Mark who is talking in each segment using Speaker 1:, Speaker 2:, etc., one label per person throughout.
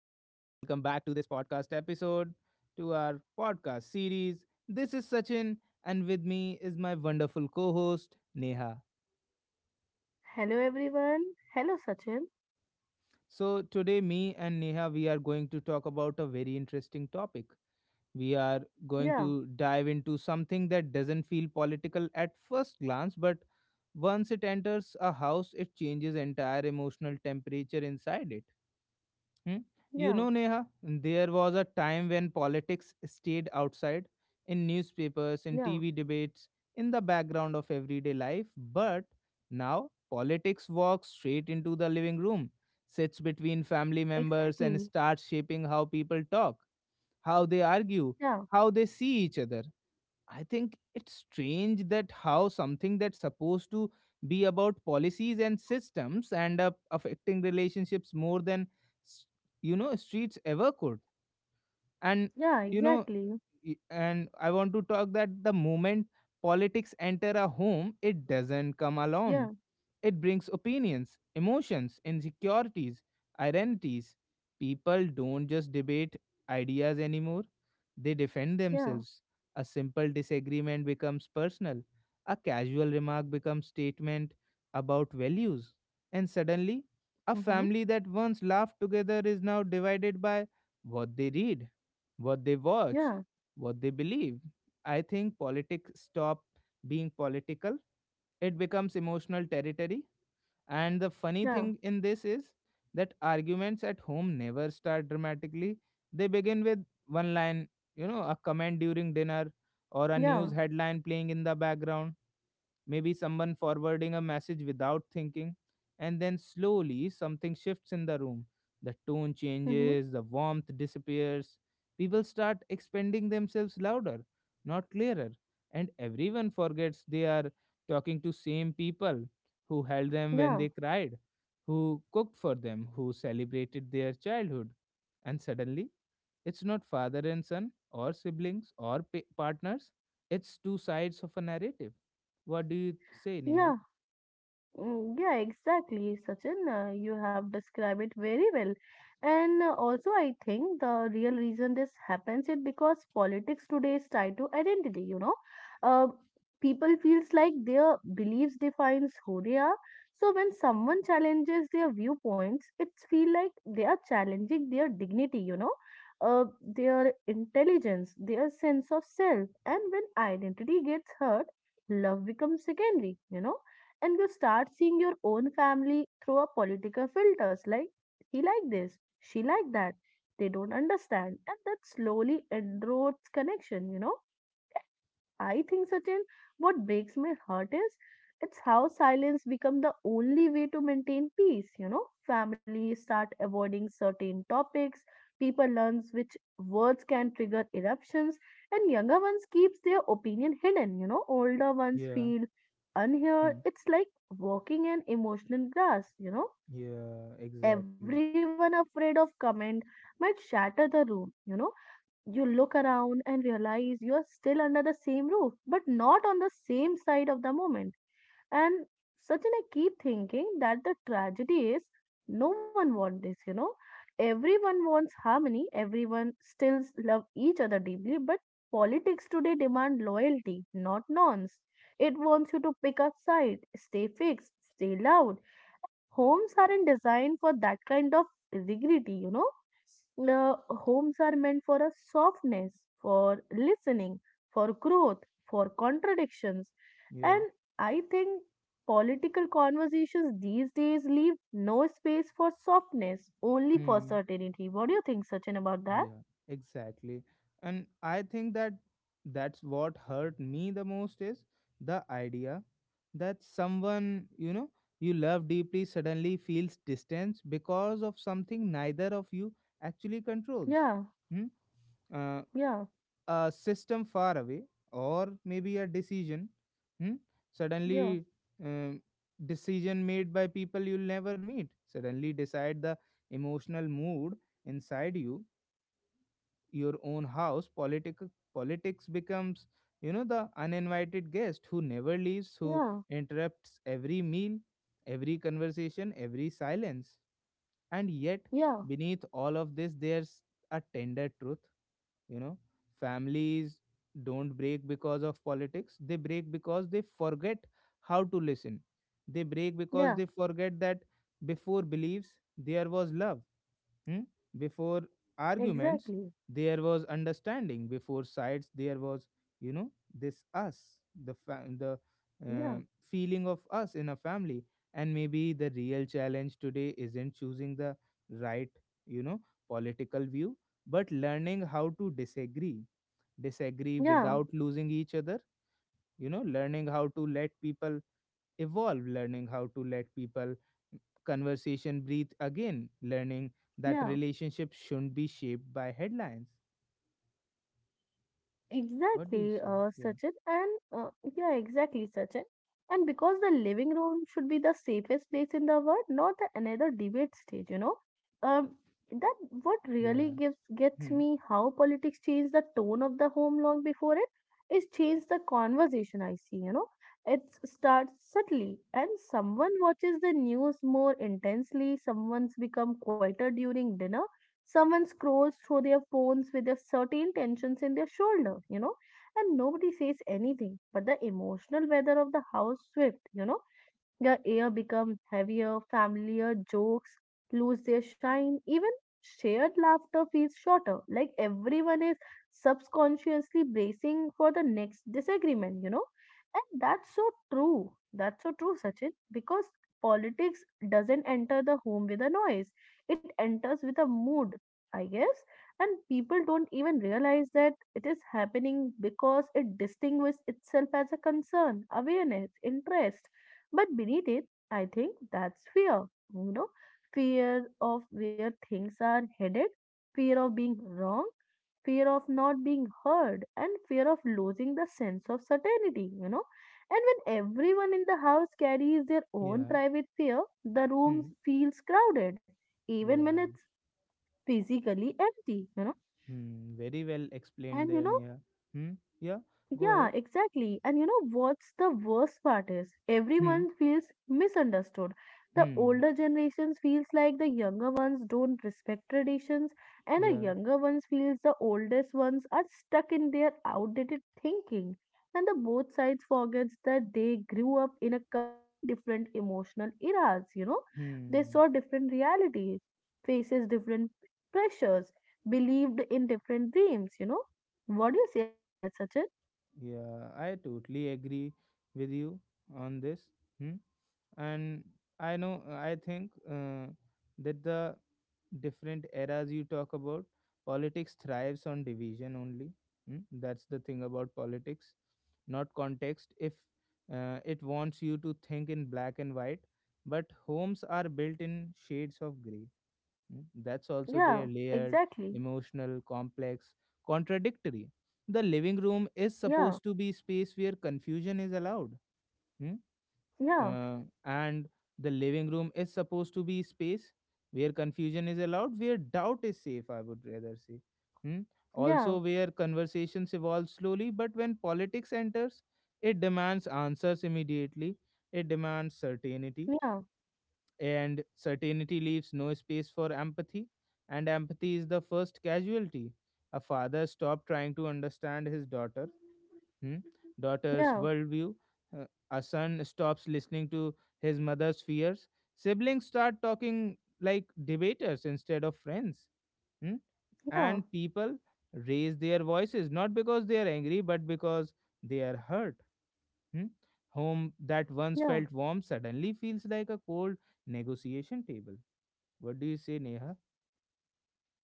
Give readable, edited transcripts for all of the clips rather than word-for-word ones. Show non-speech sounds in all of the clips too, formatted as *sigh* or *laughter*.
Speaker 1: back to this podcast episode, to our podcast series. This is Sachin, and with me is my wonderful co host, Neha.
Speaker 2: Hello everyone. Hello Sachin.
Speaker 1: So, today, me and Neha, we are going to talk about a very interesting topic. We are
Speaker 2: Yeah,
Speaker 1: going to dive into something that doesn't feel political at first glance, but once it enters a house, it changes entire emotional temperature inside it. Hmm?
Speaker 2: yeah,
Speaker 1: You know, Neha, there was a time when politics stayed outside in newspapers, in
Speaker 2: yeah.
Speaker 1: TV debates, in the background of everyday life. But now politics walks straight into the living room, sits between family members, and
Speaker 2: Exactly.
Speaker 1: starts shaping how people talk, how they argue,
Speaker 2: Yeah,
Speaker 1: how they see each other. I think it's strange that how something that's supposed to be about policies and systems end up affecting relationships more than s- streets ever could. And
Speaker 2: yeah,
Speaker 1: you know,
Speaker 2: exactly.
Speaker 1: y- and I want to talk that the moment politics enter a home, it doesn't come alone.
Speaker 2: Yeah,
Speaker 1: It brings opinions, emotions, insecurities, identities. People don't just debate ideas anymore, they defend
Speaker 2: yeah.
Speaker 1: themselves. A simple disagreement becomes personal, a casual remark becomes statement about values, and suddenly a
Speaker 2: Mm-hmm.
Speaker 1: family that once laughed together is now divided by what they read, what they watch,
Speaker 2: Yeah,
Speaker 1: what they believe. I think politics stop being political. It becomes emotional territory, and the funny
Speaker 2: yeah,
Speaker 1: thing in this is that arguments at home never start dramatically. They begin with one line, you know, a comment during dinner or a news
Speaker 2: yeah.
Speaker 1: headline playing in the background, maybe someone forwarding a message without thinking, and then slowly something shifts in the room. The tone
Speaker 2: Mm-hmm.
Speaker 1: changes, the warmth disappears. People start expanding themselves louder, not clearer, and everyone forgets they are talking to same people who held them when they
Speaker 2: Yeah,
Speaker 1: cried, who cooked for them, who celebrated their childhood. And suddenly, it's not father and son or siblings or partners, it's two sides of a narrative. What do you say, Neha?
Speaker 2: yeah. Yeah, exactly, Sachin. You have described it very well. And also, I think the real reason this happens is because politics today is tied to identity, you know. Uh, People feels like their beliefs defines who they are. So when someone challenges their viewpoints, it feel like they are challenging their dignity, you know, their intelligence, their sense of self. And when identity gets hurt, love becomes secondary, you know, and you start seeing your own family through a political filters, like he like this, she like that, they don't understand, and that slowly erodes connection, you know. I think, Sachin, what breaks my heart is it's how silence become the only way to maintain peace. You know, families start avoiding certain topics, people learns which words can trigger eruptions, and younger ones keeps their opinion hidden. You know, older ones
Speaker 1: Yeah.
Speaker 2: feel unheard.
Speaker 1: Hmm.
Speaker 2: It's like walking in emotional glass. You know,
Speaker 1: Yeah, exactly.
Speaker 2: everyone afraid of comment might shatter the room. You know, you look around and realize you are still under the same roof, but not on the same side of the moment. And Sachin, I keep thinking that the tragedy is no one wants this, you know. Everyone wants harmony, everyone still love each other deeply, but politics today demand loyalty, not nonce. It wants you to pick a side, stay fixed, stay loud, homes aren't designed for that kind of rigidity, you know. The homes are meant for a softness, for listening, for growth, for contradictions. And
Speaker 1: Yeah.
Speaker 2: I think political conversations these days leave no space for softness, only for
Speaker 1: Hmm.
Speaker 2: certainty. What do you think, Sachin, about that?
Speaker 1: Yeah, exactly. And I think that that's what hurt me the most is the idea that someone, you know, you love deeply suddenly feels distance because of something neither of you actually controls.
Speaker 2: Yeah,
Speaker 1: Hmm? Uh,
Speaker 2: yeah,
Speaker 1: a system far away, or maybe a decision, hmm?
Speaker 2: yeah,
Speaker 1: suddenly, um, decision made by people you'll never meet suddenly decide the emotional mood inside you, your own house. Politics becomes, you know, the uninvited guest who never leaves, who
Speaker 2: yeah,
Speaker 1: interrupts every meal, every conversation, every silence. And yet,
Speaker 2: yeah,
Speaker 1: beneath all of this, there's a tender truth, you know, families don't break because of politics, they break because they forget how to listen. They break because
Speaker 2: yeah,
Speaker 1: they forget that before beliefs, there was love. Hmm? Before arguments,
Speaker 2: exactly.
Speaker 1: there was understanding. Before sides, there was, you know, this us, the
Speaker 2: Yeah,
Speaker 1: uh, feeling of us in a family. And maybe the real challenge today isn't choosing the right, you know, political view, but learning how to disagree
Speaker 2: yeah,
Speaker 1: without losing each other. You know, learning how to let people evolve, learning how to let people Conversation breathe again, learning that
Speaker 2: yeah.
Speaker 1: relationships shouldn't be shaped by headlines. What do you
Speaker 2: Exactly,
Speaker 1: say? Yeah.
Speaker 2: Sachin, and yeah, exactly, Sachin. And because the living room should be the safest place in the world, not the another debate stage, you know. Um, that what really
Speaker 1: Yeah.
Speaker 2: gives gets
Speaker 1: Hmm.
Speaker 2: me how politics change the tone of the home long before it is change the conversation. I see, you know, it starts subtly, and someone watches the news more intensely. Someone's become quieter during dinner. Someone scrolls through their phones with a certain tensions in their shoulder, you know, and nobody says anything. But the emotional weather of the house swift, you know, the air becomes heavier, familiar jokes lose their shine, even shared laughter feels shorter, like everyone is subconsciously bracing for the next disagreement, you know. And that's so true. That's so true, Sachin, because politics doesn't enter the home with a noise, it enters with a mood, I guess. And people don't even realize that it is happening because it distinguishes itself as a concern, awareness, interest, but beneath it, I think that's fear, you know, fear of where things are headed, fear of being wrong, fear of not being heard, and fear of losing the sense of certainty, you know. And when everyone in the house carries their own
Speaker 1: Yeah.
Speaker 2: private fear, the
Speaker 1: Hmm.
Speaker 2: room feels crowded, even when
Speaker 1: Yeah.
Speaker 2: it's physically empty, you know.
Speaker 1: Hmm. Very well explained
Speaker 2: And you
Speaker 1: there,
Speaker 2: know,
Speaker 1: Neha. Hmm. Yeah. Go
Speaker 2: yeah,
Speaker 1: ahead.
Speaker 2: exactly. And you know what's the worst part is
Speaker 1: Hmm.
Speaker 2: everyone feels misunderstood. The
Speaker 1: Hmm.
Speaker 2: older generations feels like the younger ones don't respect traditions, and the
Speaker 1: Yeah.
Speaker 2: younger ones feels the oldest ones are stuck in their outdated thinking. And the both sides forgets that they grew up in a complete different emotional eras, you know. They
Speaker 1: Hmm.
Speaker 2: saw different realities, faces different pressures, believed in different dreams, you know. What do you say about that, Sachin?
Speaker 1: Yeah. I totally agree with you on this. Hmm. And I know. I think that the different eras you talk about, politics thrives on division only. Hmm, that's the thing about politics, not context. If It wants you to think in black and white, but homes are built in shades of gray. Hmm, that's also they are
Speaker 2: Yeah,
Speaker 1: layered,
Speaker 2: exactly.
Speaker 1: emotional, complex, contradictory. The living room is
Speaker 2: Yeah,
Speaker 1: supposed to be space where confusion is allowed. Hmm
Speaker 2: yeah,
Speaker 1: uh, and the living room is supposed to be space where confusion is allowed, where doubt is safe, I would rather say. hmm? Also
Speaker 2: yeah,
Speaker 1: where conversations evolve slowly, but when politics enters, it demands answers immediately, it demands certainty,
Speaker 2: yeah,
Speaker 1: and certainty leaves no space for empathy, and empathy is the first casualty. A father stopped trying to understand his daughter, hmm, daughter's
Speaker 2: yeah,
Speaker 1: worldview. Uh, a son stops listening to his mother's fears. Siblings start talking like debaters instead of friends. hmm,
Speaker 2: yeah,
Speaker 1: And people raise their voices not because they are angry but because they are hurt. hmm. Home that once
Speaker 2: yeah.
Speaker 1: felt warm suddenly feels like a cold negotiation table. What do you say, Neha?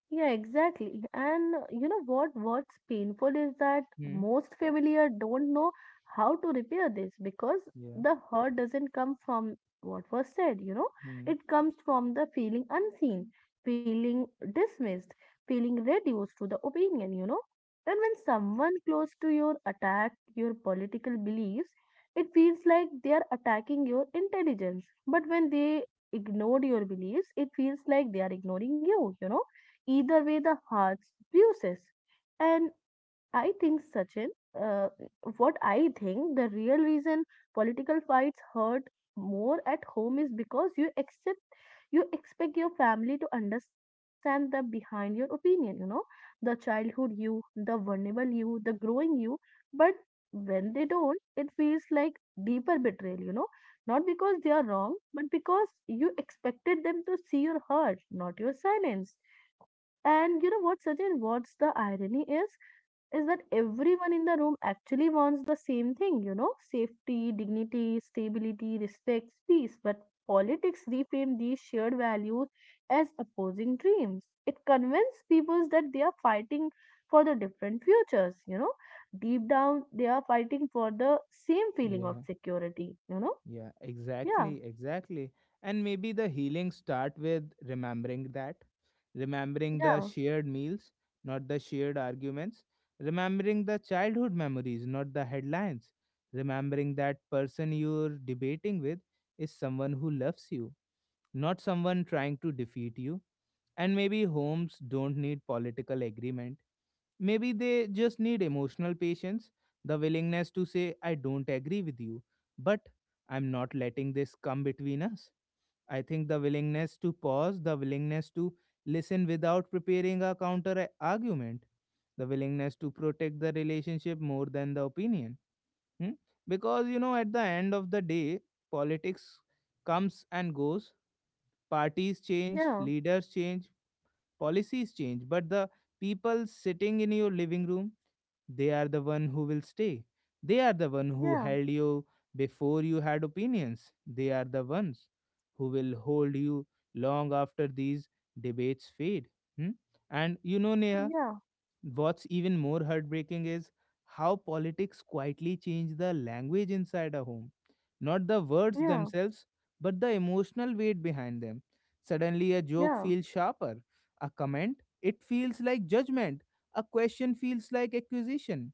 Speaker 2: Yeah, exactly. And you know what? What's painful is that
Speaker 1: Hmm.
Speaker 2: most familiar don't know how to repair this because
Speaker 1: Yeah.
Speaker 2: the hurt doesn't come from what was said, you know,
Speaker 1: Hmm.
Speaker 2: it comes from the feeling unseen, feeling dismissed, feeling reduced to the opinion, you know. And when someone close to your attack your political beliefs, it feels like they are attacking your intelligence. But when they ignored your beliefs, it feels like they are ignoring you, you know. Either way, the heart loses. And I think, Sachin, uh, what I think the real reason political fights hurt more at home is because you expect your family to understand the behind your opinion, you know, the childhood you, the vulnerable you, the growing you, but when they don't, it feels like deeper betrayal, you know, not because they are wrong but because you expected them to see your hurt, not your silence. And you know what, Sachin, what's the irony is? Is that everyone in the room actually wants the same thing, you know, safety, dignity, stability, respect, peace. But politics reframe these shared values as opposing dreams. It convinces people that they are fighting for the different futures, you know. Deep down, they are fighting for the same feeling of
Speaker 1: Yeah.
Speaker 2: security, you know.
Speaker 1: Yeah,
Speaker 2: Yeah,
Speaker 1: exactly, exactly. And maybe the healing start with remembering that, remembering the
Speaker 2: yeah,
Speaker 1: shared meals, not the shared arguments, remembering the childhood memories, not the headlines, remembering that person you're debating with is someone who loves you, not someone trying to defeat you. And maybe homes don't need political agreement. Maybe they just need emotional patience, the willingness to say, I don't agree with you, but I'm not letting this come between us. I think the willingness to pause, the willingness to listen without preparing a argument, the willingness to protect the relationship more than the opinion. hmm? Because, you know, at the end of the day, politics comes and goes, parties change,
Speaker 2: yeah,
Speaker 1: leaders change, policies change, but the people sitting in your living room, they are the one who will stay, they are the one who
Speaker 2: yeah,
Speaker 1: held you before you had opinions, they are the ones who will hold you long after these debates fade. Hmm? And you know, Neha,
Speaker 2: yeah,
Speaker 1: what's even more heartbreaking is how politics quietly change the language inside a home. Not the words
Speaker 2: yeah,
Speaker 1: themselves, but the emotional weight behind them. Suddenly, a joke
Speaker 2: yeah,
Speaker 1: feels sharper. A comment, it feels like judgment. A question feels like accusation.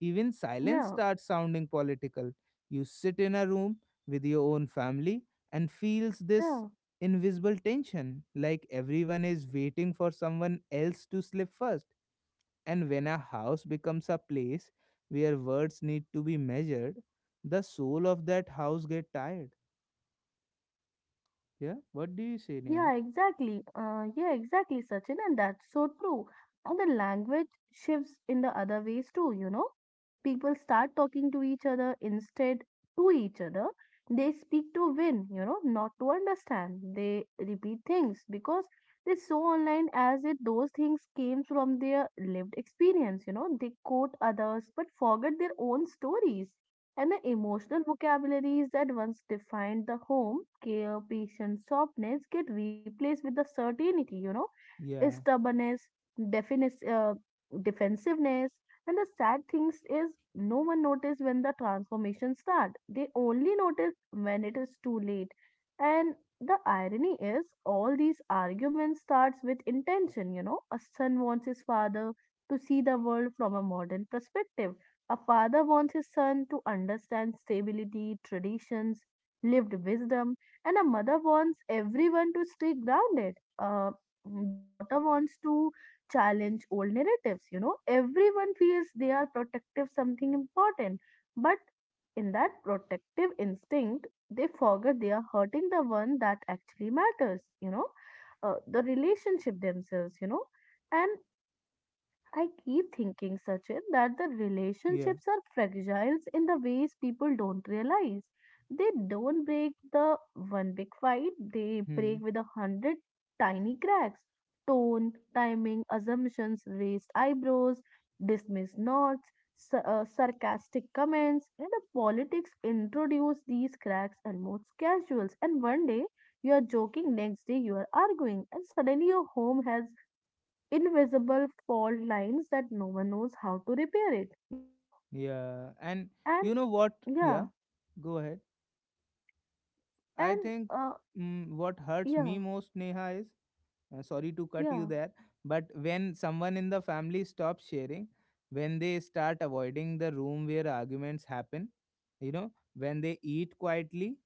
Speaker 1: Even silence
Speaker 2: yeah,
Speaker 1: starts sounding political. You sit in a room with your own family and feels this
Speaker 2: yeah.
Speaker 1: invisible tension, like everyone is waiting for someone else to slip first, and when a house becomes a place where words need to be measured, the soul of that house get tired. Yeah, what do you say, Neha?
Speaker 2: Yeah, exactly. Yeah, exactly, Sachin, and that's so true. And the language shifts in the other ways too, you know. People start talking to each other. They speak to win, you know, not to understand. They repeat things because they saw online as if those things came from their lived experience, you know. They quote others but forget their own stories, and the emotional vocabularies that once defined the home care patient softness get replaced with the certainty, you know,
Speaker 1: Yeah,
Speaker 2: stubbornness, definis- uh, defensiveness. And the sad things is no one notice when the transformation start, they only notice when it is too late. And the irony is all these arguments starts with intention, you know. A son wants his father to see the world from a modern perspective, a father wants his son to understand stability, traditions, lived wisdom, and a mother wants everyone to stay grounded. A daughter wants to challenge old narratives. You know, everyone feels they are protective, something important, but in that protective instinct, they forget they are hurting the one that actually matters. You know, the relationship themselves. You know, and I keep thinking, Sachin, that the
Speaker 1: yeah,
Speaker 2: relationships are fragile in the ways people don't realize. They don't break the one big fight, they
Speaker 1: hmm,
Speaker 2: break with a hundred tiny cracks. Tone, timing, assumptions, raised eyebrows, dismissed nods, sarcastic comments, and the politics introduce these cracks almost most casuals. And one day you are joking, next day you are arguing, and suddenly your home has invisible fault lines that no one knows how to repair it, you know?
Speaker 1: yeah. And
Speaker 2: And
Speaker 1: you know what?
Speaker 2: yeah,
Speaker 1: Yeah, go ahead. I
Speaker 2: and
Speaker 1: think what hurts
Speaker 2: Yeah,
Speaker 1: me most, Neha, is sorry to cut
Speaker 2: yeah,
Speaker 1: you there, but when someone in the family stops sharing, when they start avoiding the room where arguments happen, you know, when they eat quietly,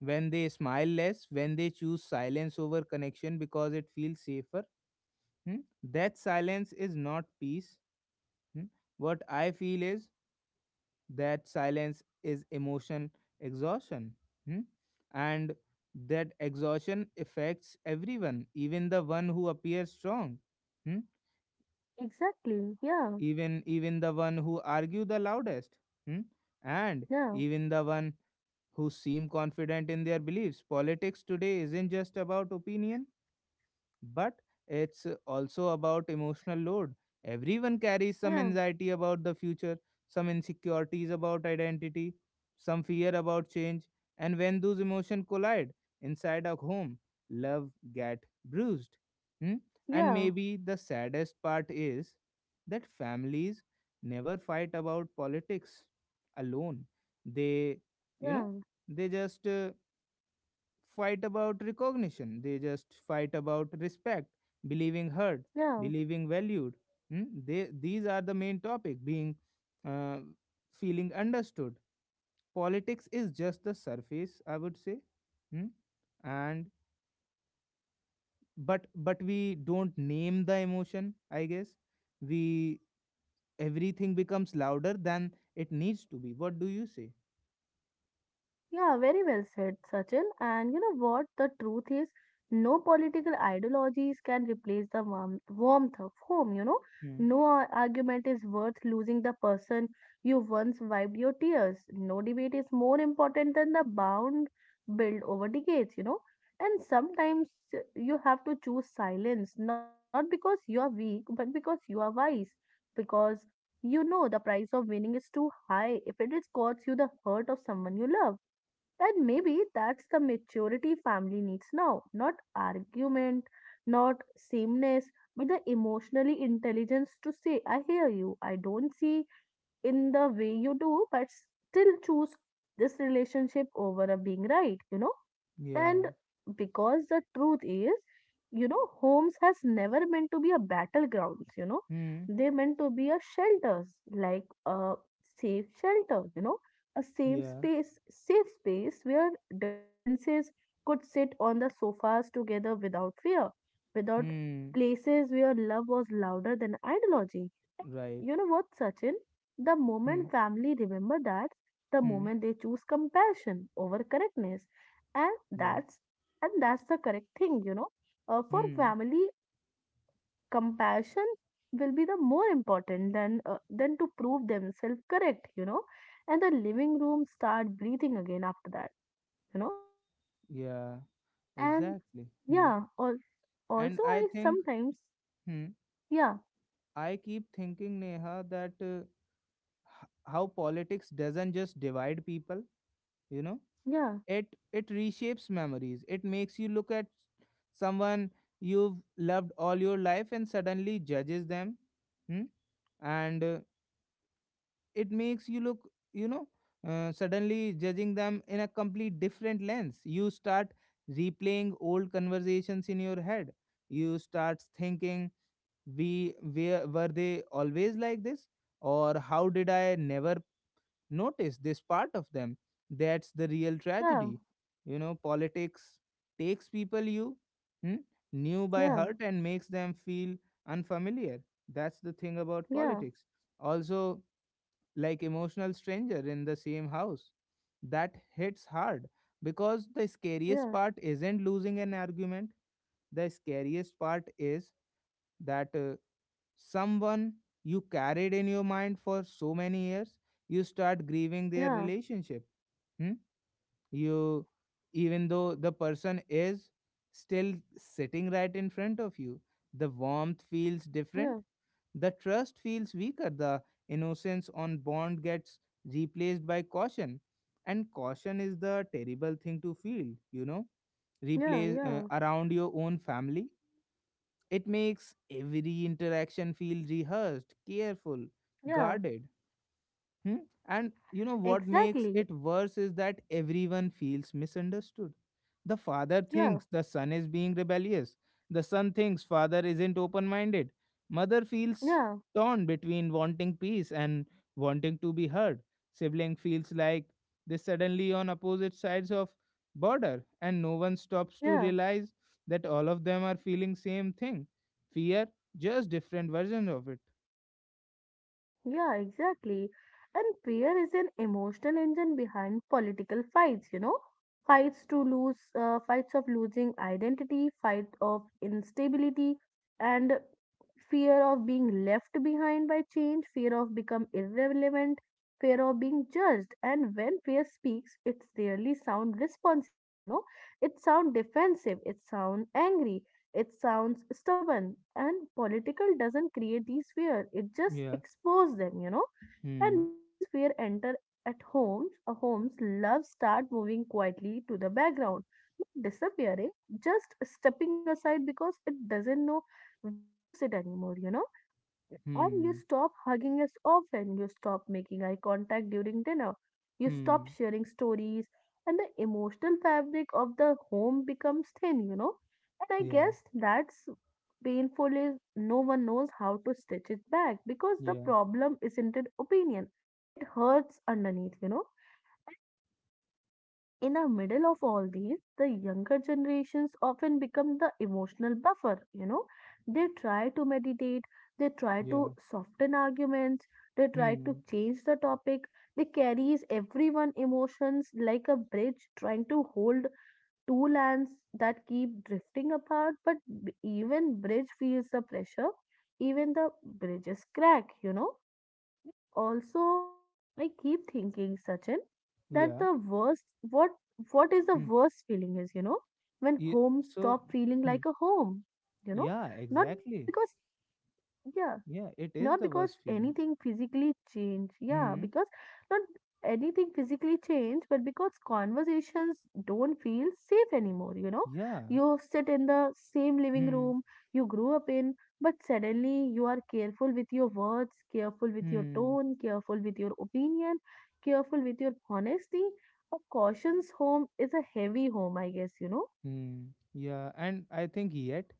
Speaker 1: when they smile less, when they choose silence over connection because it feels safer. hmm? That silence is not peace. hmm? What I feel is that silence is emotional exhaustion. hmm? And that exhaustion affects everyone, even the one who appears strong, hmm?
Speaker 2: exactly. Yeah,
Speaker 1: even the one who argue the loudest, hmm? and
Speaker 2: yeah,
Speaker 1: even the one who seem confident in their beliefs. Politics today isn't just about opinion, but it's also about emotional load. Everyone carries some
Speaker 2: yeah,
Speaker 1: anxiety about the future, some insecurities about identity, some fear about change, and when those emotions collide inside a home, love get bruised. Hmm? And
Speaker 2: yeah,
Speaker 1: maybe the saddest part is that families never fight about politics alone. They, you
Speaker 2: yeah,
Speaker 1: know, they just fight about recognition. They just fight about respect, believing heard,
Speaker 2: yeah.
Speaker 1: believing valued. These are the main topic being uh, feeling understood. Politics is just the surface, I would say. Hmm? And but we don't name the emotion, I guess. We Everything becomes louder than it needs to be. What do you say?
Speaker 2: Yeah, very well said, Sachin. And you know what? The truth is, no political ideologies can replace the warmth of home, you know.
Speaker 1: Hmm.
Speaker 2: No argument is worth losing the person you once wiped your tears. No debate is more important than the bond built over decades, you know. And sometimes you have to choose silence, not because you are weak, but because you are wise. Because you know the price of winning is too high if it is costs you the hurt of someone you love, and maybe that's the maturity family needs now. Not argument, not sameness, but the emotionally intelligence to say, I hear you, I don't see in the way you do, but still choose this relationship over a being right, you know? And
Speaker 1: Yeah.
Speaker 2: because the truth is, you know, homes has never meant to be a battlegrounds, you know.
Speaker 1: Hmm.
Speaker 2: They meant to be a shelters, like a safe shelter, you know, a
Speaker 1: Yeah.
Speaker 2: safe space where differences could sit on the sofas together without fear, without
Speaker 1: Hmm.
Speaker 2: places where love was louder than ideology.
Speaker 1: Right.
Speaker 2: You know what, Sachin? The
Speaker 1: Hmm.
Speaker 2: moment family remember that, the
Speaker 1: Hmm.
Speaker 2: moment they choose compassion over correctness, and
Speaker 1: Yeah.
Speaker 2: that's and that's the correct thing, you know. For
Speaker 1: Hmm.
Speaker 2: family, compassion will be the more important than than to prove themselves correct, you know. And the living room start breathing again after that, you know.
Speaker 1: Yeah,
Speaker 2: And
Speaker 1: exactly. Hmm.
Speaker 2: yeah,
Speaker 1: And
Speaker 2: also
Speaker 1: I
Speaker 2: I
Speaker 1: think,
Speaker 2: sometimes
Speaker 1: hmm,
Speaker 2: yeah,
Speaker 1: I keep thinking, Neha, that how politics doesn't just divide people, you know,
Speaker 2: yeah,
Speaker 1: it reshapes memories. It makes you look at someone you've loved all your life and suddenly judges them. Hmm? And It makes you look, you know, suddenly judging them in a complete different lens. You start replaying old conversations in your head. You start thinking, were they always like this, or how did I never notice this part of them? That's the real
Speaker 2: yeah,
Speaker 1: tragedy. You know, politics takes people you hmm, knew by
Speaker 2: yeah,
Speaker 1: heart and makes them feel unfamiliar. That's the thing about
Speaker 2: yeah,
Speaker 1: politics, also, like emotional stranger in the same house. That hits hard because the scariest
Speaker 2: yeah,
Speaker 1: part isn't losing an argument. The scariest part is that someone you carried in your mind for so many years, you start grieving their
Speaker 2: yeah,
Speaker 1: relationship. Hmm? You Even though the person is still sitting right in front of you, the warmth feels
Speaker 2: yeah, yeah,
Speaker 1: different, the trust feels weaker, the innocence on bond gets replaced by caution, and caution is the terrible thing to feel, you know,
Speaker 2: yeah.
Speaker 1: replace
Speaker 2: Yeah.
Speaker 1: around your own family. It makes every interaction feel rehearsed, careful,
Speaker 2: Yeah,
Speaker 1: guarded. Hmm? And you know what makes
Speaker 2: exactly.
Speaker 1: it worse is that everyone feels misunderstood. The father
Speaker 2: Yeah,
Speaker 1: thinks the son is being rebellious. The son thinks father isn't open minded. Mother feels
Speaker 2: yeah,
Speaker 1: torn between wanting peace and wanting to be heard. Sibling feels like they suddenly on opposite sides of border and no one stops to
Speaker 2: yeah,
Speaker 1: realize that all of them are feeling same thing. Fear, just different versions of it.
Speaker 2: yeah, exactly. And fear is an emotional engine behind political fights, you know? Fights to lose, fights of losing identity, fight of instability, and fear of being left behind by change, fear of become irrelevant, fear of being judged. And when fear speaks, it's rarely sound responsible, you know? It sound defensive, it sound angry. It sounds stubborn, and political doesn't create these fear. It just
Speaker 1: Yeah.
Speaker 2: exposes them, you know.
Speaker 1: Hmm.
Speaker 2: And once fear enter at homes, a homes love start moving quietly to the background, not disappearing, just stepping aside because it doesn't know where to sit anymore. And you
Speaker 1: Hmm.
Speaker 2: stop hugging as often, you stop making eye contact during dinner, you stop
Speaker 1: Hmm.
Speaker 2: sharing stories, and the emotional fabric of the home becomes thin. And I
Speaker 1: Yeah,
Speaker 2: guess that's painful is no one knows how to stitch it back because the
Speaker 1: yeah,
Speaker 2: problem isn't an opinion. It hurts underneath. In the middle of all these, the younger generations often become the emotional buffer. They try to meditate, they try
Speaker 1: yeah.
Speaker 2: to soften arguments, they try
Speaker 1: Hmm.
Speaker 2: to change the topic. They carries everyone emotions like a bridge trying to hold two lands that keep drifting apart, but even bridge feels the pressure, even the bridges crack. Also, I keep thinking, Sachin, that
Speaker 1: Yeah.
Speaker 2: the worst what is the
Speaker 1: Hmm.
Speaker 2: worst feeling is, when
Speaker 1: Yeah.
Speaker 2: home
Speaker 1: So,
Speaker 2: stop feeling
Speaker 1: hmm.
Speaker 2: like a home, you know,
Speaker 1: Yeah,
Speaker 2: not because,
Speaker 1: exactly.
Speaker 2: yeah,
Speaker 1: Yeah,
Speaker 2: not
Speaker 1: it is
Speaker 2: because
Speaker 1: the worst feeling.
Speaker 2: anything physically changed, yeah,
Speaker 1: Hmm.
Speaker 2: because not anything physically changed, but because conversations don't feel safe anymore.
Speaker 1: Yeah.
Speaker 2: You sit in the same living
Speaker 1: Hmm.
Speaker 2: room you grew up in, but suddenly you are careful with your words, careful with your
Speaker 1: Hmm.
Speaker 2: tone, careful with your opinion, careful with your honesty. A cautious home is a heavy home, I guess.
Speaker 1: Hmm. Yeah. And I think yet,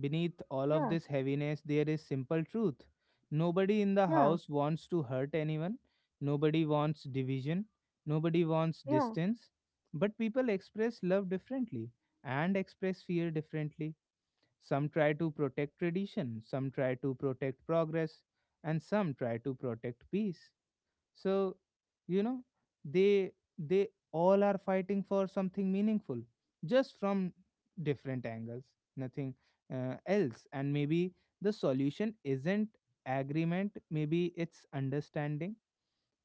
Speaker 1: beneath all of
Speaker 2: Yeah,
Speaker 1: this heaviness, there is simple truth. Nobody in the
Speaker 2: yeah,
Speaker 1: house wants to hurt anyone. Nobody wants division. Nobody wants
Speaker 2: yeah,
Speaker 1: distance. But people express love differently and express fear differently. Some try to protect tradition, some try to protect progress, and some try to protect peace. So, you know, they they all are fighting for something meaningful, just from different angles, nothing else. And maybe the solution isn't agreement. Maybe it's understanding.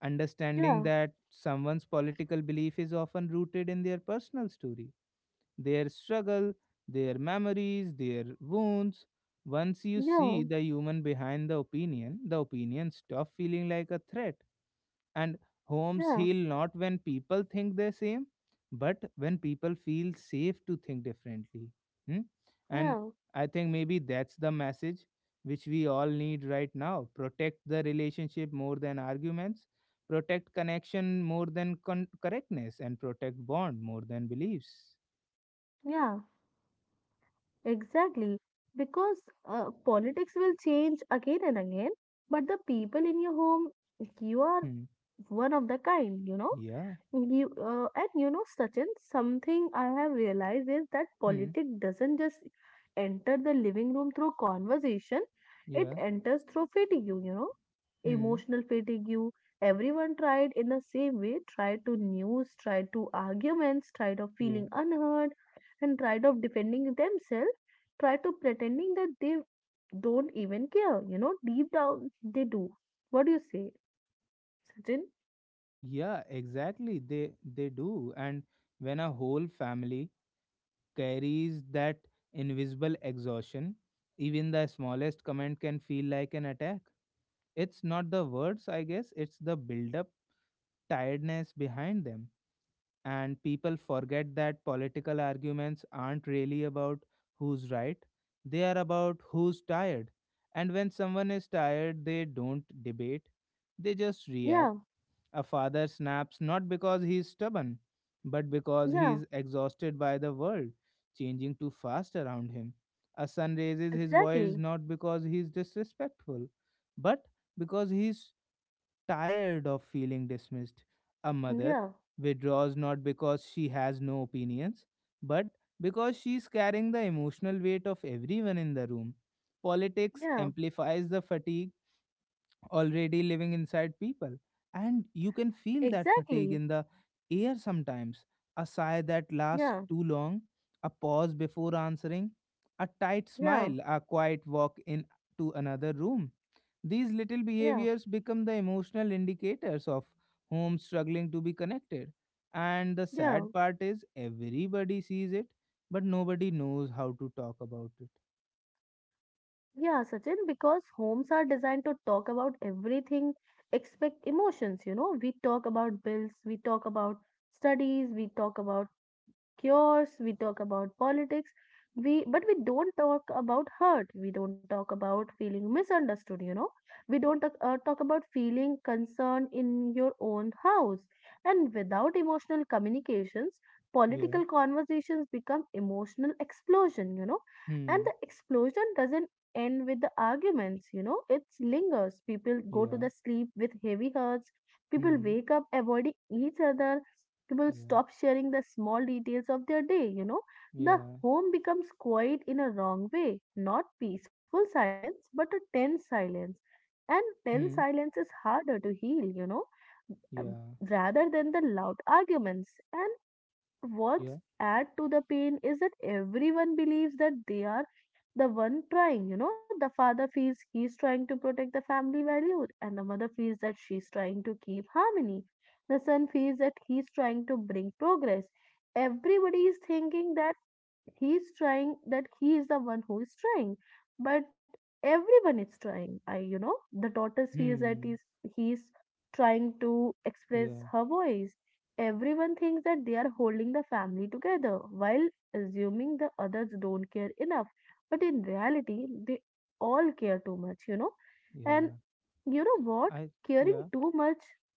Speaker 1: Understanding
Speaker 2: yeah,
Speaker 1: that someone's political belief is often rooted in their personal story, their struggle, their memories, their wounds. Once you see
Speaker 2: yeah,
Speaker 1: the human behind the opinion stop feeling like a threat. And homes
Speaker 2: yeah,
Speaker 1: heal not when people think the same, but when people feel safe to think differently. Hmm? And
Speaker 2: yeah,
Speaker 1: I think maybe that's the message which we all need right now. Protect the relationship more than arguments, protect connection more than correctness, and protect bond more than beliefs.
Speaker 2: yeah. Exactly, because politics will change again and again, but the people in your home, you are
Speaker 1: Hmm.
Speaker 2: one of the kind, you know.
Speaker 1: Yeah.
Speaker 2: You, and you know, Sachin, something I have realized is that
Speaker 1: Hmm.
Speaker 2: politics doesn't just enter the living room through conversation, it
Speaker 1: Yeah.
Speaker 2: enters through fatigue, you know,
Speaker 1: Hmm.
Speaker 2: emotional fatigue. Everyone tried in the same way, tried to news, tried to arguments, tried of
Speaker 1: Yeah.
Speaker 2: feeling unheard, and tried of defending themselves, tried to pretending that they don't even care, you know, deep down they do. What do you say, Sachin?
Speaker 1: Yeah, exactly. They do. And when a whole family carries that invisible exhaustion, even the smallest comment can feel like an attack. It's not the words, I guess, it's the build up tiredness behind them. And people forget that political arguments aren't really about who's right, they are about who's tired. And when someone is tired, they don't debate, they just react.
Speaker 2: Yeah,
Speaker 1: A father snaps not because he is stubborn, but because he
Speaker 2: yeah,
Speaker 1: is exhausted by the world changing too fast around him. A son raises his voice
Speaker 2: exactly.
Speaker 1: not because he is disrespectful, but because he is tired of feeling dismissed. A mother
Speaker 2: Yeah,
Speaker 1: withdraws not because she has no opinions, but because she is carrying the emotional weight of everyone in the room. Politics
Speaker 2: yeah,
Speaker 1: amplifies the fatigue already living inside people. And you can feel that fatigue
Speaker 2: exactly.
Speaker 1: in the air sometimes, a sigh that lasts
Speaker 2: Yeah,
Speaker 1: too long, a pause before answering, a tight
Speaker 2: yeah,
Speaker 1: smile, a quiet walk in to another room. These little
Speaker 2: yeah,
Speaker 1: behaviors become the emotional indicators of homes struggling to be connected. And the sad
Speaker 2: yeah,
Speaker 1: part is everybody sees it, but nobody knows how to talk about it.
Speaker 2: yeah, Sachin, because homes are designed to talk about everything except emotions, you know. We talk about bills, we talk about studies, we talk about cures, we talk about politics, we but we don't talk about hurt. We don't talk about feeling misunderstood. We don't talk about feeling concern in your own house. And without emotional communications,
Speaker 1: Yeah.
Speaker 2: political conversations become emotional explosion. And
Speaker 1: Hmm.
Speaker 2: the explosion doesn't end with the arguments. It lingers. People go to the
Speaker 1: Yeah.
Speaker 2: sleep with heavy hearts. People
Speaker 1: Hmm.
Speaker 2: wake up avoiding each other. People
Speaker 1: Yeah.
Speaker 2: stop sharing the small details of their day. The
Speaker 1: Yeah.
Speaker 2: home becomes quiet in a wrong way, not peaceful silence, but a tense silence. And tense
Speaker 1: Hmm.
Speaker 2: silence is harder to heal, um,
Speaker 1: Yeah.
Speaker 2: rather than the loud arguments. And what's
Speaker 1: Yeah.
Speaker 2: add to the pain is that everyone believes that they are the one trying, you know, the father feels he's trying to protect the family values, and the mother feels that she's trying to keep harmony. The son feels that he's trying to bring progress. Everybody is thinking that he's trying, that he is the one who is trying, but everyone is trying I you know The daughter feels that is
Speaker 1: Hmm.
Speaker 2: he's trying to express
Speaker 1: Yeah.
Speaker 2: her voice. Everyone thinks that they are holding the family together while assuming the others don't care enough, but in reality they all care too much. And
Speaker 1: Yeah.
Speaker 2: you know what?
Speaker 1: I.
Speaker 2: Caring
Speaker 1: Yeah.
Speaker 2: too much,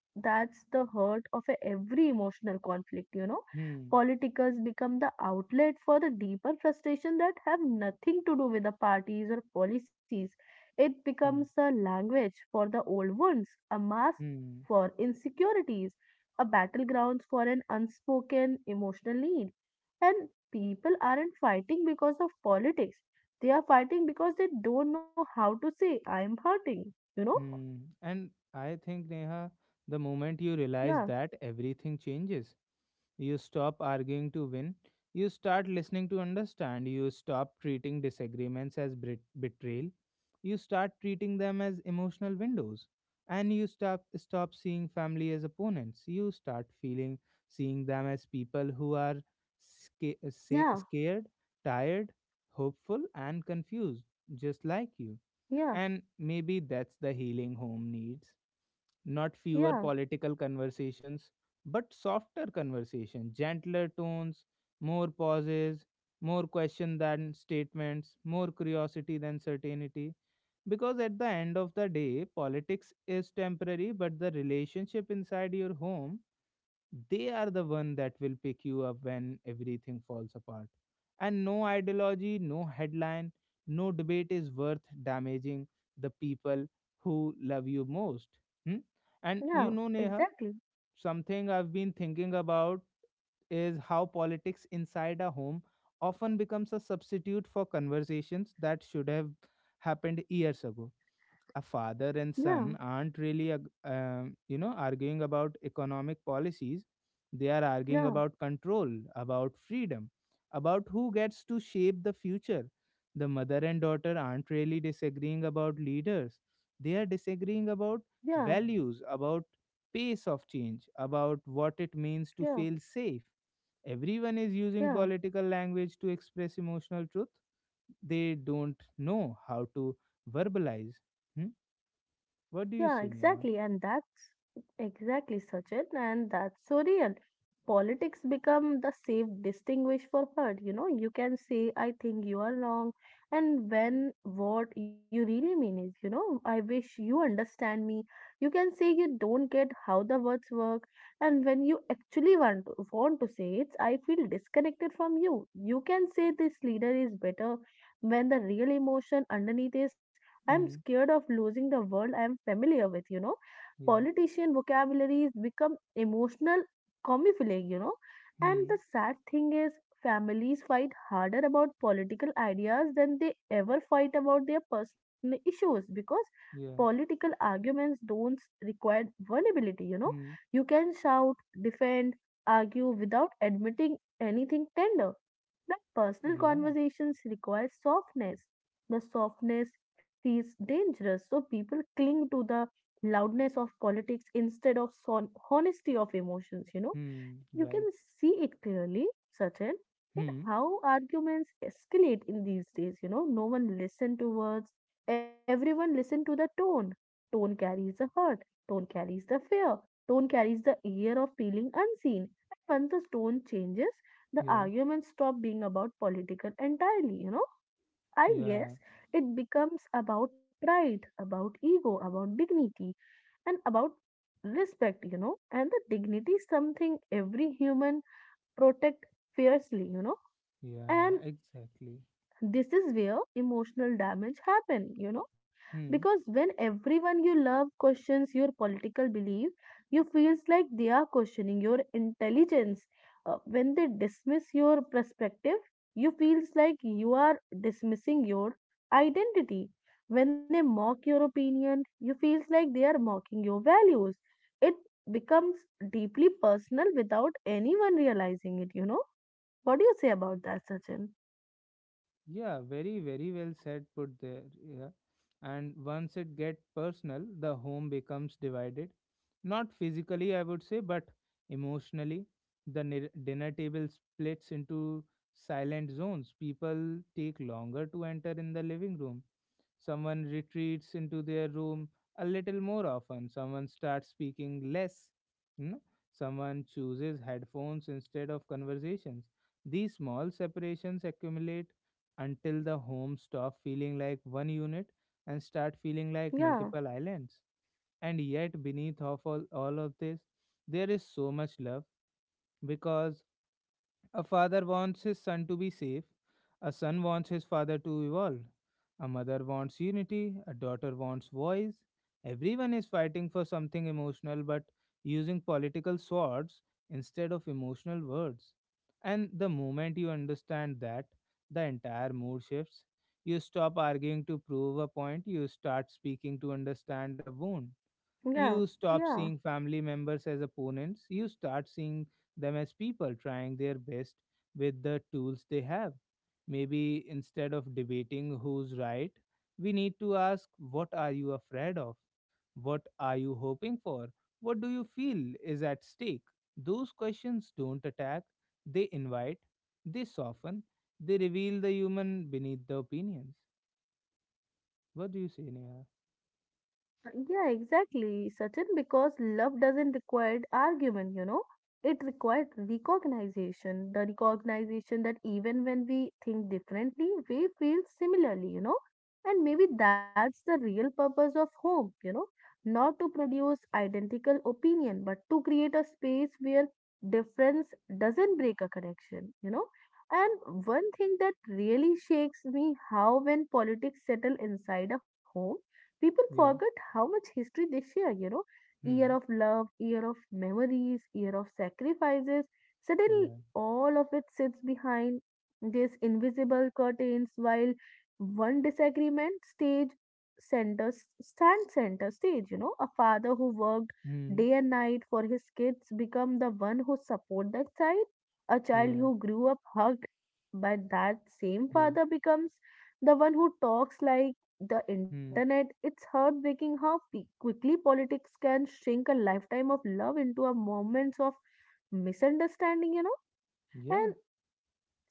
Speaker 2: that's the hurt of a every emotional conflict, you know.
Speaker 1: Hmm.
Speaker 2: Politicals become the outlet for the deeper frustration that have nothing to do with the parties or policies. It becomes
Speaker 1: Hmm.
Speaker 2: a language for the old wounds, a mask
Speaker 1: Hmm.
Speaker 2: for insecurities, a battleground for an unspoken emotional need. And people aren't fighting because of politics. They are fighting because they don't know how to say, I'm hurting, you know?
Speaker 1: Hmm. And I think, Neha, the moment you realize
Speaker 2: Yeah,
Speaker 1: that, everything changes. You stop arguing to win. You start listening to understand. You stop treating disagreements as betrayal. You start treating them as emotional windows. And you stop seeing family as opponents. You start feeling seeing them as people who are
Speaker 2: yeah,
Speaker 1: scared, tired, hopeful, and confused, just like you.
Speaker 2: yeah,
Speaker 1: And maybe that's the healing home needs, not fewer
Speaker 2: yeah,
Speaker 1: political conversations, but softer conversation, gentler tones, more pauses, more question than statements, more curiosity than certainty. Because at the end of the day, politics is temporary, but the relationship inside your home, they are the one that will pick you up when everything falls apart. And no ideology, no headline, no debate is worth damaging the people who love you most. Hmm? And
Speaker 2: yeah,
Speaker 1: you know, Neha,
Speaker 2: exactly.
Speaker 1: something I've been thinking about is how politics inside a home often becomes a substitute for conversations that should have happened years ago. A father and
Speaker 2: Yeah,
Speaker 1: son aren't really arguing about economic policies, they are arguing
Speaker 2: yeah,
Speaker 1: about control, about freedom, about who gets to shape the future. The mother and daughter aren't really disagreeing about leaders, they are disagreeing about
Speaker 2: yeah,
Speaker 1: values, about pace of change, about what it means to
Speaker 2: yeah,
Speaker 1: feel safe. Everyone is using
Speaker 2: yeah.
Speaker 1: political language to express emotional truth they don't know how to verbalize. Hmm? What do you
Speaker 2: Yeah,
Speaker 1: say, Neha?
Speaker 2: exactly. And that's exactly, Sachin, and that's so real. Politics become the safe distinguish for hurt. You know, you can say, I think you are wrong, and when what you really mean is, I wish you understand me. You can say you don't get how the words work, and when you actually want to say it's, I feel disconnected from you. You can say this leader is better when the real emotion underneath is I'm
Speaker 1: Hmm.
Speaker 2: scared of losing the world I am familiar with, you know.
Speaker 1: Yeah.
Speaker 2: Politician vocabularies become emotional camouflage, you know. And the
Speaker 1: Hmm.
Speaker 2: sad thing is, families fight harder about political ideas than they ever fight about their personal issues because
Speaker 1: Yeah.
Speaker 2: political arguments don't require vulnerability, you know.
Speaker 1: Hmm.
Speaker 2: You can shout, defend, argue without admitting anything tender, but personal
Speaker 1: Yeah.
Speaker 2: conversations require softness. The softness feels dangerous, so people cling to the loudness of politics instead of honesty of emotions, you know.
Speaker 1: Hmm.
Speaker 2: You can
Speaker 1: Right.
Speaker 2: see it clearly, Sachin, in
Speaker 1: Hmm.
Speaker 2: how arguments escalate in these days, you know. No one listen to words, everyone listen to the tone. Tone carries the hurt, tone carries the fear, tone carries the year of feeling unseen. And once the tone changes, the
Speaker 1: Yeah.
Speaker 2: argument stopped being about political entirely, you know. I guess
Speaker 1: Yeah.
Speaker 2: it becomes about pride, about ego, about dignity, and about respect, you know. And the dignity is something every human protect fiercely, you know.
Speaker 1: Yeah.
Speaker 2: And
Speaker 1: Exactly.
Speaker 2: this is where emotional damage happen, because
Speaker 1: Hmm.
Speaker 2: when everyone you love questions your political belief, you feels like they are questioning your intelligence. When they dismiss your perspective, you feels like you are dismissing your identity. When they mock your opinion, you feels like they are mocking your values. It becomes deeply personal without anyone realizing it. What do you say about that, Sachin?
Speaker 1: Yeah, very, very well said, put there. Yeah. And once it get personal, the home becomes divided. Not physically, I would say, but emotionally. The dinner table splits into silent zones. People take longer to enter in the living room. Someone retreats into their room a little more often. Someone starts speaking less. You know? Someone chooses headphones instead of conversations. These small separations accumulate until the home stop feeling like one unit and start feeling like
Speaker 2: Yeah,
Speaker 1: multiple islands. And yet, beneath of all of this, there is so much love because a father wants his son to be safe. A son wants his father to evolve. A mother wants unity. A daughter wants voice. Everyone is fighting for something emotional but using political swords instead of emotional words. And the moment you understand that, the entire mood shifts. You stop arguing to prove a point, you start speaking to understand a wound.
Speaker 2: yeah,
Speaker 1: You stop
Speaker 2: yeah,
Speaker 1: seeing family members as opponents, you start seeing them as people trying their best with the tools they have. Maybe instead of debating who's right, we need to ask what are you afraid of? What are you hoping for? What do you feel is at stake? Those questions don't attack, they invite, they soften, they reveal the human beneath the opinions. What do you say, Neha?
Speaker 2: yeah, exactly, Sachin, because love doesn't require argument, you know. It requires recognition, the recognition that even when we think differently, we feel similarly, you know. And maybe that's the real purpose of home, not to produce identical opinion, but to create a space where difference doesn't break a connection, you know. And one thing that really shakes me how when politics settle inside a home, people
Speaker 1: Yeah.
Speaker 2: forget how much history they share, you know, year
Speaker 1: Hmm.
Speaker 2: of love, year of memories, year of sacrifices. Suddenly,
Speaker 1: Yeah.
Speaker 2: all of it sits behind these invisible curtains while one disagreement stage center stand center stage you know A father who worked day
Speaker 1: Hmm.
Speaker 2: and night for his kids become the one who support that child. A child
Speaker 1: Yeah.
Speaker 2: who grew up hugged by that same
Speaker 1: Yeah.
Speaker 2: father becomes the one who talks like the
Speaker 1: Hmm.
Speaker 2: internet. It's heartbreaking how quickly politics can shrink a lifetime of love into a moments of misunderstanding, you know.
Speaker 1: Yeah.
Speaker 2: And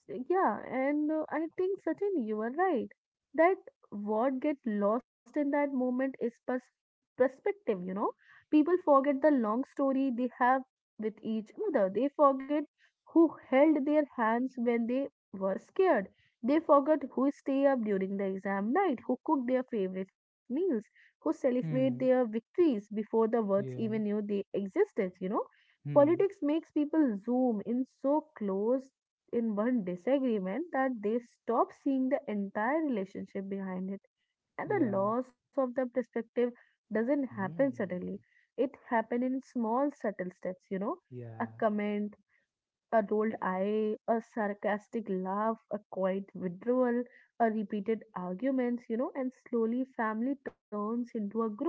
Speaker 2: so, Yeah, and I think, Sachin, you are right. That what get lost in that moment is perspective, you know. People forget the long story they have with each other. They forget who held their hands when they were scared. They forgot who stay up during the exam night, who cooked their favorite meals, who celebrate their
Speaker 1: Hmm.
Speaker 2: victories before the words even
Speaker 1: Yeah.
Speaker 2: knew they existed, you know.
Speaker 1: Hmm.
Speaker 2: Politics makes people zoom in so close in one disagreement that they stop seeing the entire relationship behind it. And the
Speaker 1: Yeah.
Speaker 2: loss of the perspective doesn't happen suddenly.
Speaker 1: Hmm.
Speaker 2: It happens in small, subtle steps, a
Speaker 1: Yeah.
Speaker 2: comment, a rolled eye, a sarcastic laugh, a quiet withdrawal, a repeated arguments, and slowly family turns into a group,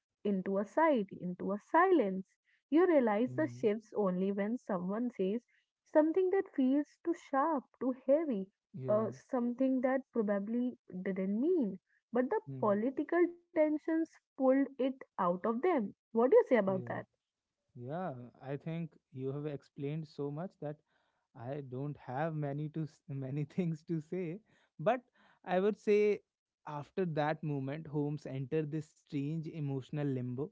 Speaker 2: into a side, into a silence. You realize the
Speaker 1: Hmm.
Speaker 2: shifts only when someone says something that feels too sharp, too heavy,
Speaker 1: Yeah.
Speaker 2: something that probably didn't mean. But the
Speaker 1: Hmm.
Speaker 2: political tensions pulled it out of them. What do you say about
Speaker 1: Yeah.
Speaker 2: that?
Speaker 1: Yeah. I think you have explained so much that I don't have many to *laughs* many things to say, but I would say after that moment, Holmes enter this strange emotional limbo.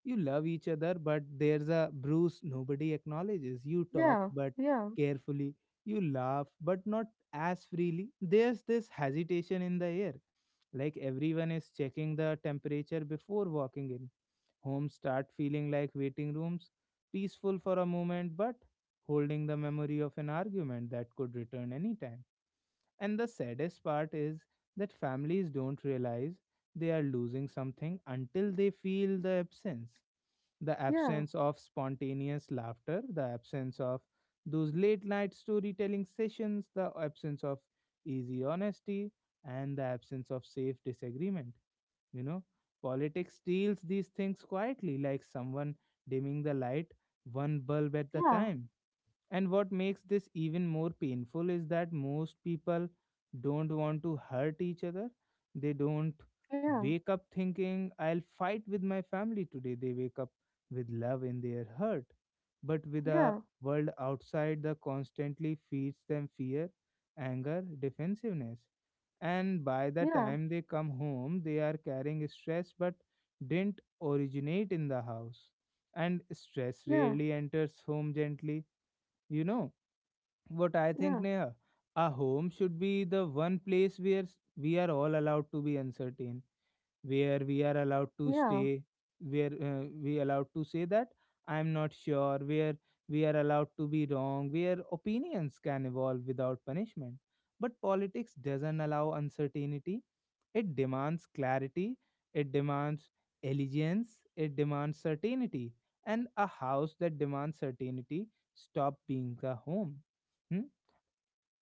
Speaker 1: You love each other, but there's a bruise nobody acknowledges. You talk,
Speaker 2: Yeah,
Speaker 1: but
Speaker 2: yeah,
Speaker 1: carefully. You laugh, but not as freely. There's this hesitation in the air, like everyone is checking the temperature before walking in. Homes start feeling like waiting rooms, peaceful for a moment, but holding the memory of an argument that could return anytime. And the saddest part is that families don't realize they are losing something until they feel the absence, the
Speaker 2: yeah,
Speaker 1: absence of spontaneous laughter, the absence of those late night storytelling sessions, the absence of easy honesty, and the absence of safe disagreement. You know, politics steals these things quietly, like someone dimming the light one bulb at the
Speaker 2: yeah,
Speaker 1: time. And what makes this even more painful is that most people don't want to hurt each other. They don't
Speaker 2: yeah.
Speaker 1: wake up thinking, I'll fight with my family today. They wake up with love in their heart. But with a
Speaker 2: Yeah,
Speaker 1: world outside that constantly feeds them fear, anger, defensiveness. And by the
Speaker 2: yeah,
Speaker 1: time they come home, they are carrying stress but didn't originate in the house. And stress
Speaker 2: yeah,
Speaker 1: rarely enters home gently. You know what I think,
Speaker 2: yeah,
Speaker 1: Neha? Our home should be the one place where we are all allowed to be uncertain, where we are allowed to
Speaker 2: yeah,
Speaker 1: stay, where we allowed to say that I am not sure, where we are allowed to be wrong, where opinions can evolve without punishment. But politics doesn't allow uncertainty, it demands clarity, it demands allegiance, it demands certainty. And a house that demands certainty stop being a home. Hmm?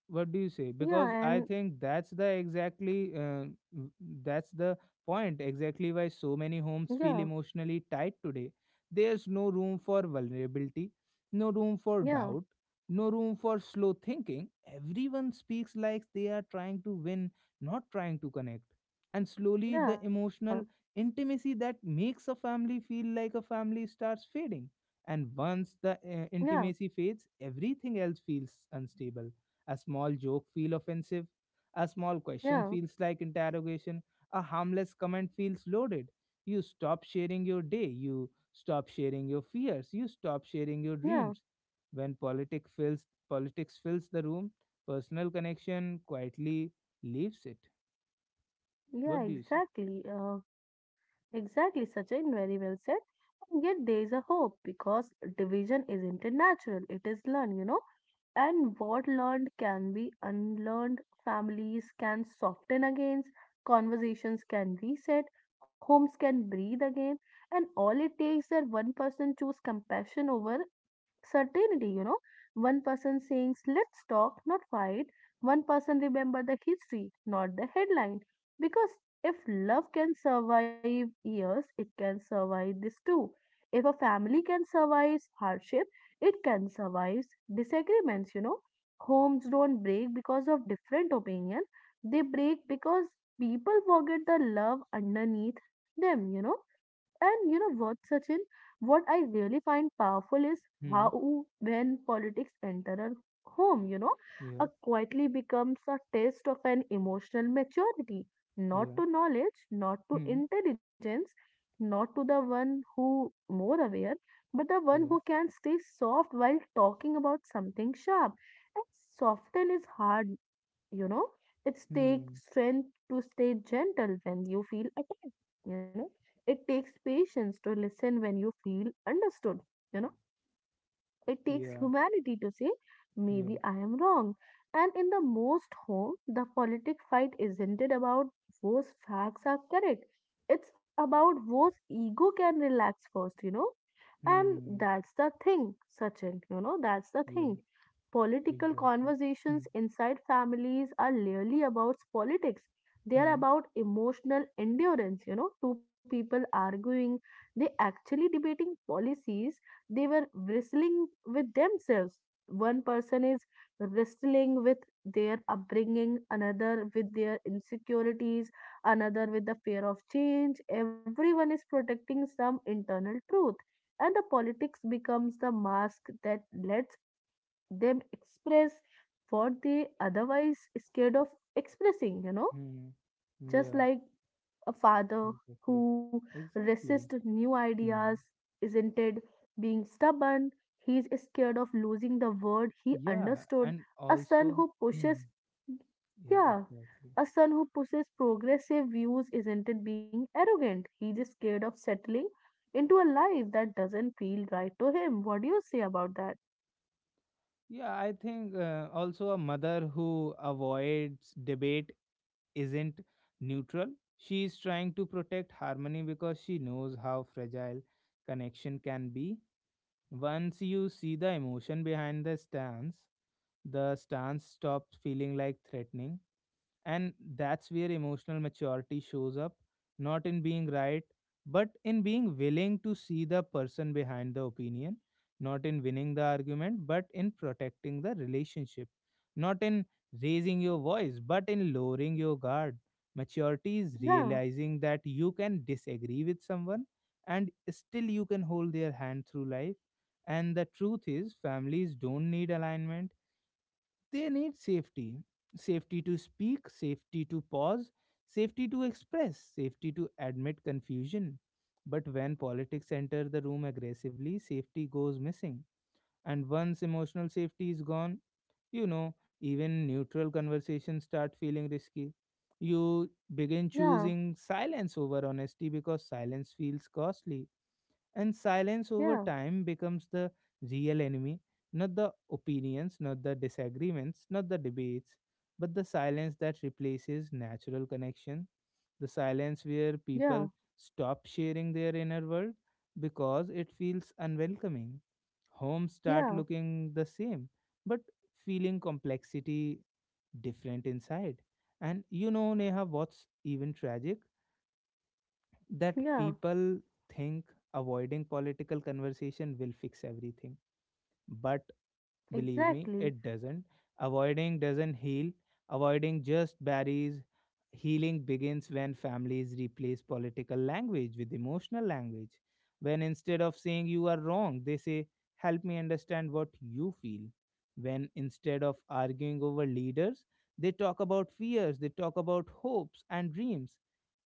Speaker 1: What do you say?
Speaker 2: yeah,
Speaker 1: Because I
Speaker 2: and
Speaker 1: think that's the exactly w- that's the point exactly why so many homes
Speaker 2: yeah,
Speaker 1: feel emotionally tight today. There's no room for vulnerability, no room for
Speaker 2: yeah,
Speaker 1: doubt, no room for slow thinking. Everyone speaks like they are trying to win, not trying to connect. And slowly the
Speaker 2: yeah,
Speaker 1: emotional intimacy that makes a family feel like a family starts fading. And once the
Speaker 2: yeah,
Speaker 1: intimacy fades everything else feels unstable. A small joke feels offensive. A small question
Speaker 2: yeah,
Speaker 1: feels like interrogation. A harmless comment feels loaded. You stop sharing your day. You stop sharing your fears. You stop sharing your
Speaker 2: yeah,
Speaker 1: dreams. When politics fills the room, personal connection quietly leaves it.
Speaker 2: yeah,
Speaker 1: What do you say?
Speaker 2: exactly, Sachin, very well said. And yet there is a hope because division isn't a natural, it is learned, you know. And what learned can be unlearned, families can soften again. Conversations can reset, homes can breathe again, and all it takes that one person choose compassion over certainty, you know. One person sings, let's talk, not fight. One person remember the history, not the headline. Because if love can survive years, it can survive this too. If a family can survive hardship, it can survive disagreements, you know. Homes don't break because of different opinion. They break because people forget the love underneath them. And you know what, Sachin? What I really find powerful is
Speaker 1: Hmm.
Speaker 2: how, when politics enter a home, a
Speaker 1: Yeah.
Speaker 2: quietly becomes a test of an emotional maturity, not
Speaker 1: Yeah.
Speaker 2: to knowledge, not to
Speaker 1: Hmm.
Speaker 2: intelligence, not to the one who more aware, but the one who
Speaker 1: Yeah.
Speaker 2: can stay soft while talking about something sharp. And soften is hard, you know it takes
Speaker 1: Hmm.
Speaker 2: strength to stay gentle when you feel attacked. you know it takes patience to listen when you feel understood. you know it takes
Speaker 1: Yeah.
Speaker 2: humanity to say
Speaker 1: Yeah.
Speaker 2: maybe I am wrong. And in the most home the politic fight isn't it about whose facts are correct? It's about whose ego can relax first. And
Speaker 1: Hmm.
Speaker 2: that's the thing, Sachin, that's the
Speaker 1: Yeah.
Speaker 2: thing. Political
Speaker 1: Exactly. Hmm.
Speaker 2: conversations inside families are rarely about politics. They are
Speaker 1: Hmm.
Speaker 2: about emotional endurance, two people arguing, they actually debating policies, they were wrestling with themselves. One person is wrestling with their upbringing, another with their insecurities, another with the fear of change. Everyone is protecting some internal truth, and the politics becomes the mask that lets them express what they otherwise scared of expressing.
Speaker 1: Hmm.
Speaker 2: Just
Speaker 1: Yeah.
Speaker 2: like a father
Speaker 1: Exactly.
Speaker 2: who resists
Speaker 1: Exactly.
Speaker 2: new ideas,
Speaker 1: Hmm.
Speaker 2: isn't it? Being stubborn, he is scared of losing the word he
Speaker 1: Yeah,
Speaker 2: understood.
Speaker 1: and
Speaker 2: A son
Speaker 1: also,
Speaker 2: who
Speaker 1: hmm.
Speaker 2: pushes,
Speaker 1: Yeah,
Speaker 2: yeah,
Speaker 1: exactly.
Speaker 2: a son who pushes progressive views, isn't it? Being arrogant, he is scared of settling into a life that doesn't feel right to him. What do you say about that?
Speaker 1: Yeah, I think also a mother who avoids debate isn't neutral. She is trying to protect harmony because she knows how fragile connection can be. Once you see the emotion behind the stance stops feeling like threatening, and that's where emotional maturity shows up, not in being right but in being willing to see the person behind the opinion, not in winning the argument but in protecting the relationship, not in raising your voice but in lowering your guard. Maturity is
Speaker 2: Yeah,
Speaker 1: realizing that you can disagree with someone and still you can hold their hand through life. And the truth is families don't need alignment, they need safety, safety to speak, safety to pause, safety to express, safety to admit confusion. But when politics enter the room aggressively, safety goes missing. And once emotional safety is gone, you know, even neutral conversations start feeling risky. You begin
Speaker 2: yeah,
Speaker 1: choosing silence over honesty because silence feels costly, and silence over
Speaker 2: yeah,
Speaker 1: time becomes the real enemy, not the opinions, not the disagreements, not the debates, but the silence that replaces natural connection, the silence where
Speaker 2: yeah,
Speaker 1: people stop sharing their inner world because it feels unwelcoming. Homes start
Speaker 2: yeah,
Speaker 1: looking the same, but feeling complexity different inside. And you know, Neha, what's even tragic? That
Speaker 2: yeah,
Speaker 1: people think avoiding political conversation will fix everything, but believe me,
Speaker 2: exactly.
Speaker 1: it doesn't. Avoiding doesn't heal, avoiding just buries. Healing begins when families replace political language with emotional language. When instead of saying you are wrong, they say, "Help me understand what you feel." When instead of arguing over leaders, they talk about fears, they talk about hopes and dreams.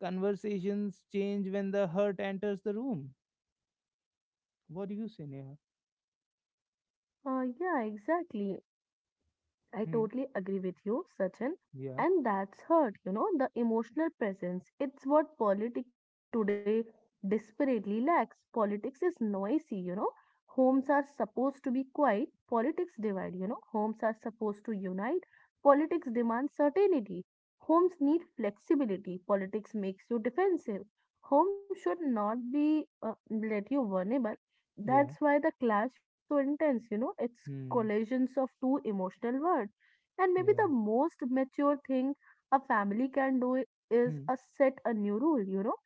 Speaker 1: Conversations change when the hurt enters the room. What do you say, Neha?
Speaker 2: Yeah, exactly. I
Speaker 1: Hmm.
Speaker 2: totally agree with you, Sachin.
Speaker 1: Yeah.
Speaker 2: And that's hurt, the emotional presence. It's what politics today desperately lacks. Politics is noisy, Homes are supposed to be quiet, politics divide, Homes are supposed to unite, politics demands certainty. Homes need flexibility, politics makes you defensive. Home should not be let you vulnerable,
Speaker 1: Yeah.
Speaker 2: that's why the clash feels so intense, It's
Speaker 1: Hmm.
Speaker 2: collisions of two emotional worlds. And maybe
Speaker 1: Yeah.
Speaker 2: the most mature thing a family can do is
Speaker 1: Hmm.
Speaker 2: a set a new rule,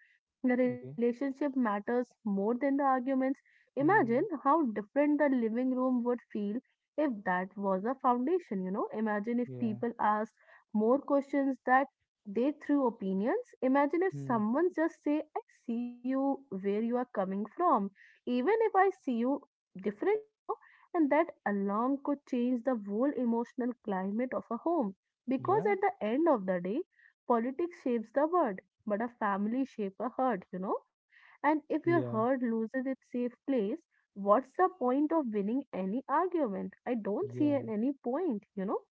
Speaker 2: The
Speaker 1: Okay.
Speaker 2: relationship matters more than the arguments. Imagine
Speaker 1: Hmm.
Speaker 2: how different the living room would feel if that was a foundation, Imagine if
Speaker 1: Yeah.
Speaker 2: people asked more questions that they threw opinions. Imagine if
Speaker 1: Hmm.
Speaker 2: someone just say, "I see you where you are coming from even if I see you differently," and that alarm could change the whole emotional climate of a home. Because
Speaker 1: Yeah.
Speaker 2: at the end of the day, politics shapes the world, but a family shapes a herd, And if your herd
Speaker 1: Yeah.
Speaker 2: loses its safe place, what's the point of winning any argument? I don't see
Speaker 1: Yeah.
Speaker 2: any point,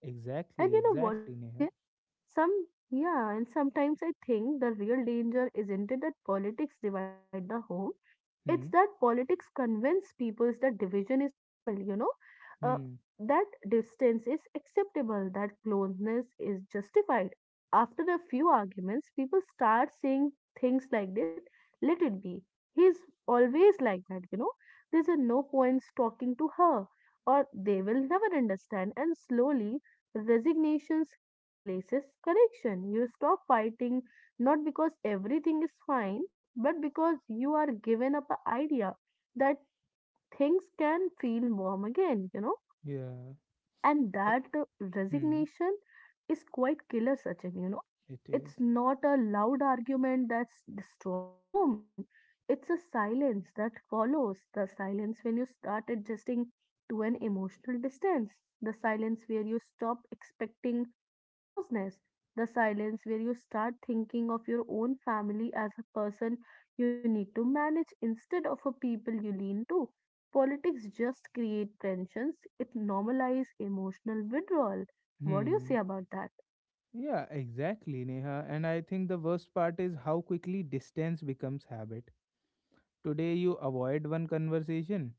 Speaker 2: And
Speaker 1: Exactly.
Speaker 2: you know what,
Speaker 1: Exactly, Neha.
Speaker 2: Sachin? Some, yeah, and sometimes I think the real danger isn't it that politics divide the home, it's that
Speaker 1: Hmm.
Speaker 2: politics convince people that division is normal, uh,
Speaker 1: Hmm.
Speaker 2: that distance is acceptable, that closeness is justified. After a few arguments, people start saying things like that, let it be. He's always like that, There's a no point talking to her, or they will never understand. And slowly, resignations replaces correction. You stop fighting not because everything is fine, but because you are given up an idea that things can feel warm again,
Speaker 1: Yeah.
Speaker 2: and
Speaker 1: E-
Speaker 2: that
Speaker 1: Hmm.
Speaker 2: resignation is quite killer, Sachin,
Speaker 1: It is.
Speaker 2: it's not a loud argument that's destroy a home, it's a silence that follows the silence when you start adjusting to an emotional distance, the silence where you stop expecting closeness, the silence where you start thinking of your own family as a person you need to manage instead of a people you lean to. Politics just create tensions. It normalize emotional withdrawal. What do you say
Speaker 1: Hmm.
Speaker 2: about that?
Speaker 1: Yeah. Exactly, Neha. And I think the worst part is how quickly distance becomes habit. Today you avoid one conversation.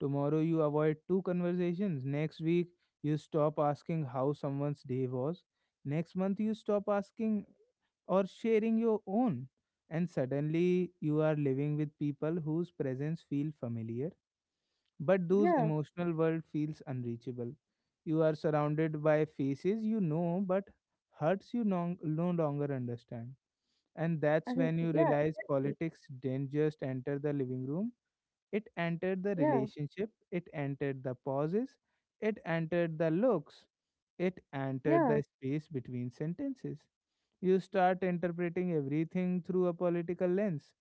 Speaker 1: Tomorrow you avoid two conversations. Next week you stop asking how someone's day was. Next month you stop asking or sharing your own. And suddenly you are living with people whose presence feel familiar, but whose
Speaker 2: Yeah,
Speaker 1: emotional world feels unreachable. You are surrounded by faces you know, but hearts you no longer understand. And that's
Speaker 2: I,
Speaker 1: when you
Speaker 2: yeah,
Speaker 1: realize
Speaker 2: exactly.
Speaker 1: politics didn't just enter the living room, it entered the
Speaker 2: Yeah,
Speaker 1: relationship, it entered the pauses, it entered the looks, it entered the
Speaker 2: yeah,
Speaker 1: space between sentences. You start interpreting everything through a political lens.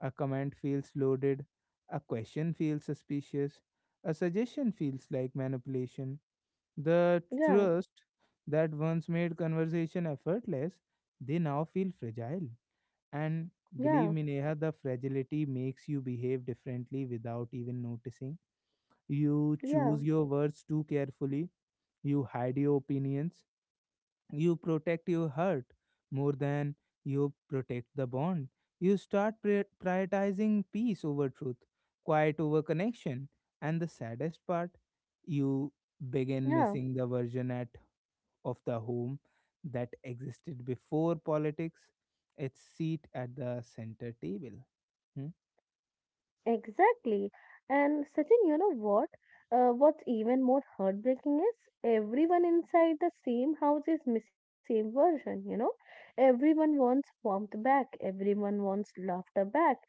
Speaker 1: A comment feels loaded, a question feels suspicious, a suggestion feels like manipulation. The
Speaker 2: yeah,
Speaker 1: trust that once made conversation effortless, they now feel fragile. And believe
Speaker 2: yeah,
Speaker 1: me, Neha, the fragility makes you behave differently without even noticing. You
Speaker 2: yeah.
Speaker 1: choose your words too carefully, you hide your opinions, you protect your heart more than you protect the bond. You start prioritizing peace over truth, quiet over connection, and the saddest part, you begin
Speaker 2: Yeah.
Speaker 1: missing the version at of the home that existed before politics, its seat at the center table. Hmm?
Speaker 2: Exactly. And Sachin, you know what? What's even more heartbreaking is everyone inside the same house is missing the same version, Everyone wants warmth back, everyone wants laughter back,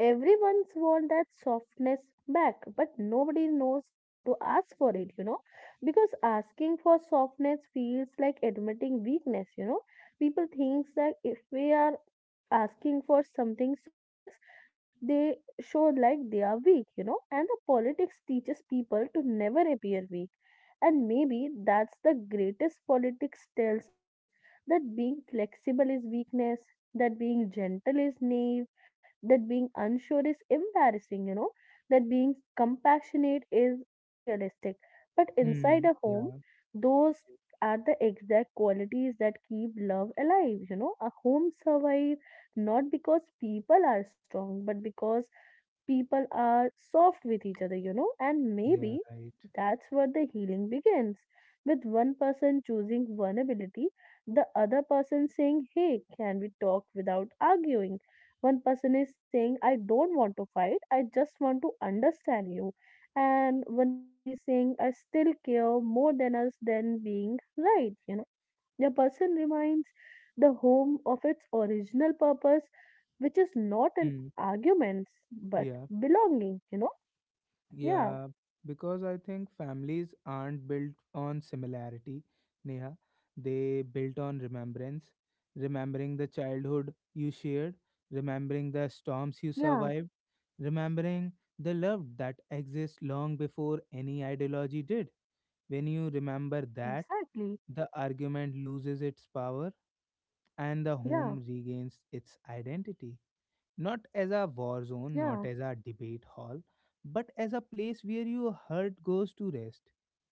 Speaker 2: everyone's want that softness back, but nobody knows how to ask for it, Because asking for softness feels like admitting weakness, People thinks that if we are asking for something softness they show like they are weak, and the politics teaches people to never appear weak. And maybe that's the greatest politics tells us that being flexible is weakness, that being gentle is naive, that being unsure is embarrassing, that being compassionate is unrealistic. But inside
Speaker 1: Hmm.
Speaker 2: a home,
Speaker 1: Yeah.
Speaker 2: those are the exact qualities that keep love alive, A home survives not because people are strong, but because people are soft with each other, and
Speaker 1: Yeah.
Speaker 2: maybe
Speaker 1: Right.
Speaker 2: that's where the healing begins, with one person choosing vulnerability, the other person saying, "Hey, can we talk without arguing?" One person is saying, "I don't want to fight, I just want to understand you." And one person is saying, "I still care more than us than being right," a person reminds the home of its original purpose, which is not an
Speaker 1: Hmm.
Speaker 2: arguments but
Speaker 1: Yeah.
Speaker 2: belonging, Yeah,
Speaker 1: Yeah, because I think families aren't built on similarity, Neha. They built on remembrance, remembering the childhood you shared, remembering the storms you
Speaker 2: yeah,
Speaker 1: survived, remembering the love that exists long before any ideology did. When you remember that,
Speaker 2: exactly.
Speaker 1: the argument loses its power and the home
Speaker 2: Yeah,
Speaker 1: regains its identity, not as a war
Speaker 2: yeah,
Speaker 1: zone, not as a debate hall, but as a place where your heart goes to rest.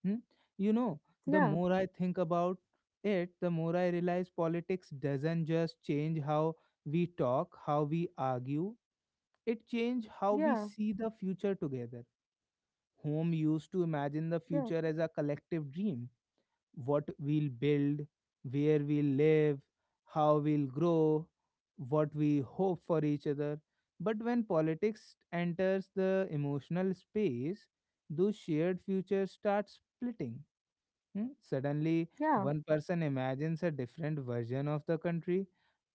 Speaker 1: Hmm? You know, the
Speaker 2: yeah,
Speaker 1: more I think about it, the more I realize politics doesn't just change how we talk, how we argue, it changes how we
Speaker 2: yeah,
Speaker 1: see the future together. Home used to imagine the
Speaker 2: yeah,
Speaker 1: future as a collective dream, what we'll build, where we'll live, how we'll grow, what we hope for each other. But when politics enters the emotional space, those shared futures start splitting. Hmm? Suddenly,
Speaker 2: yeah,
Speaker 1: one person imagines a different version of the country,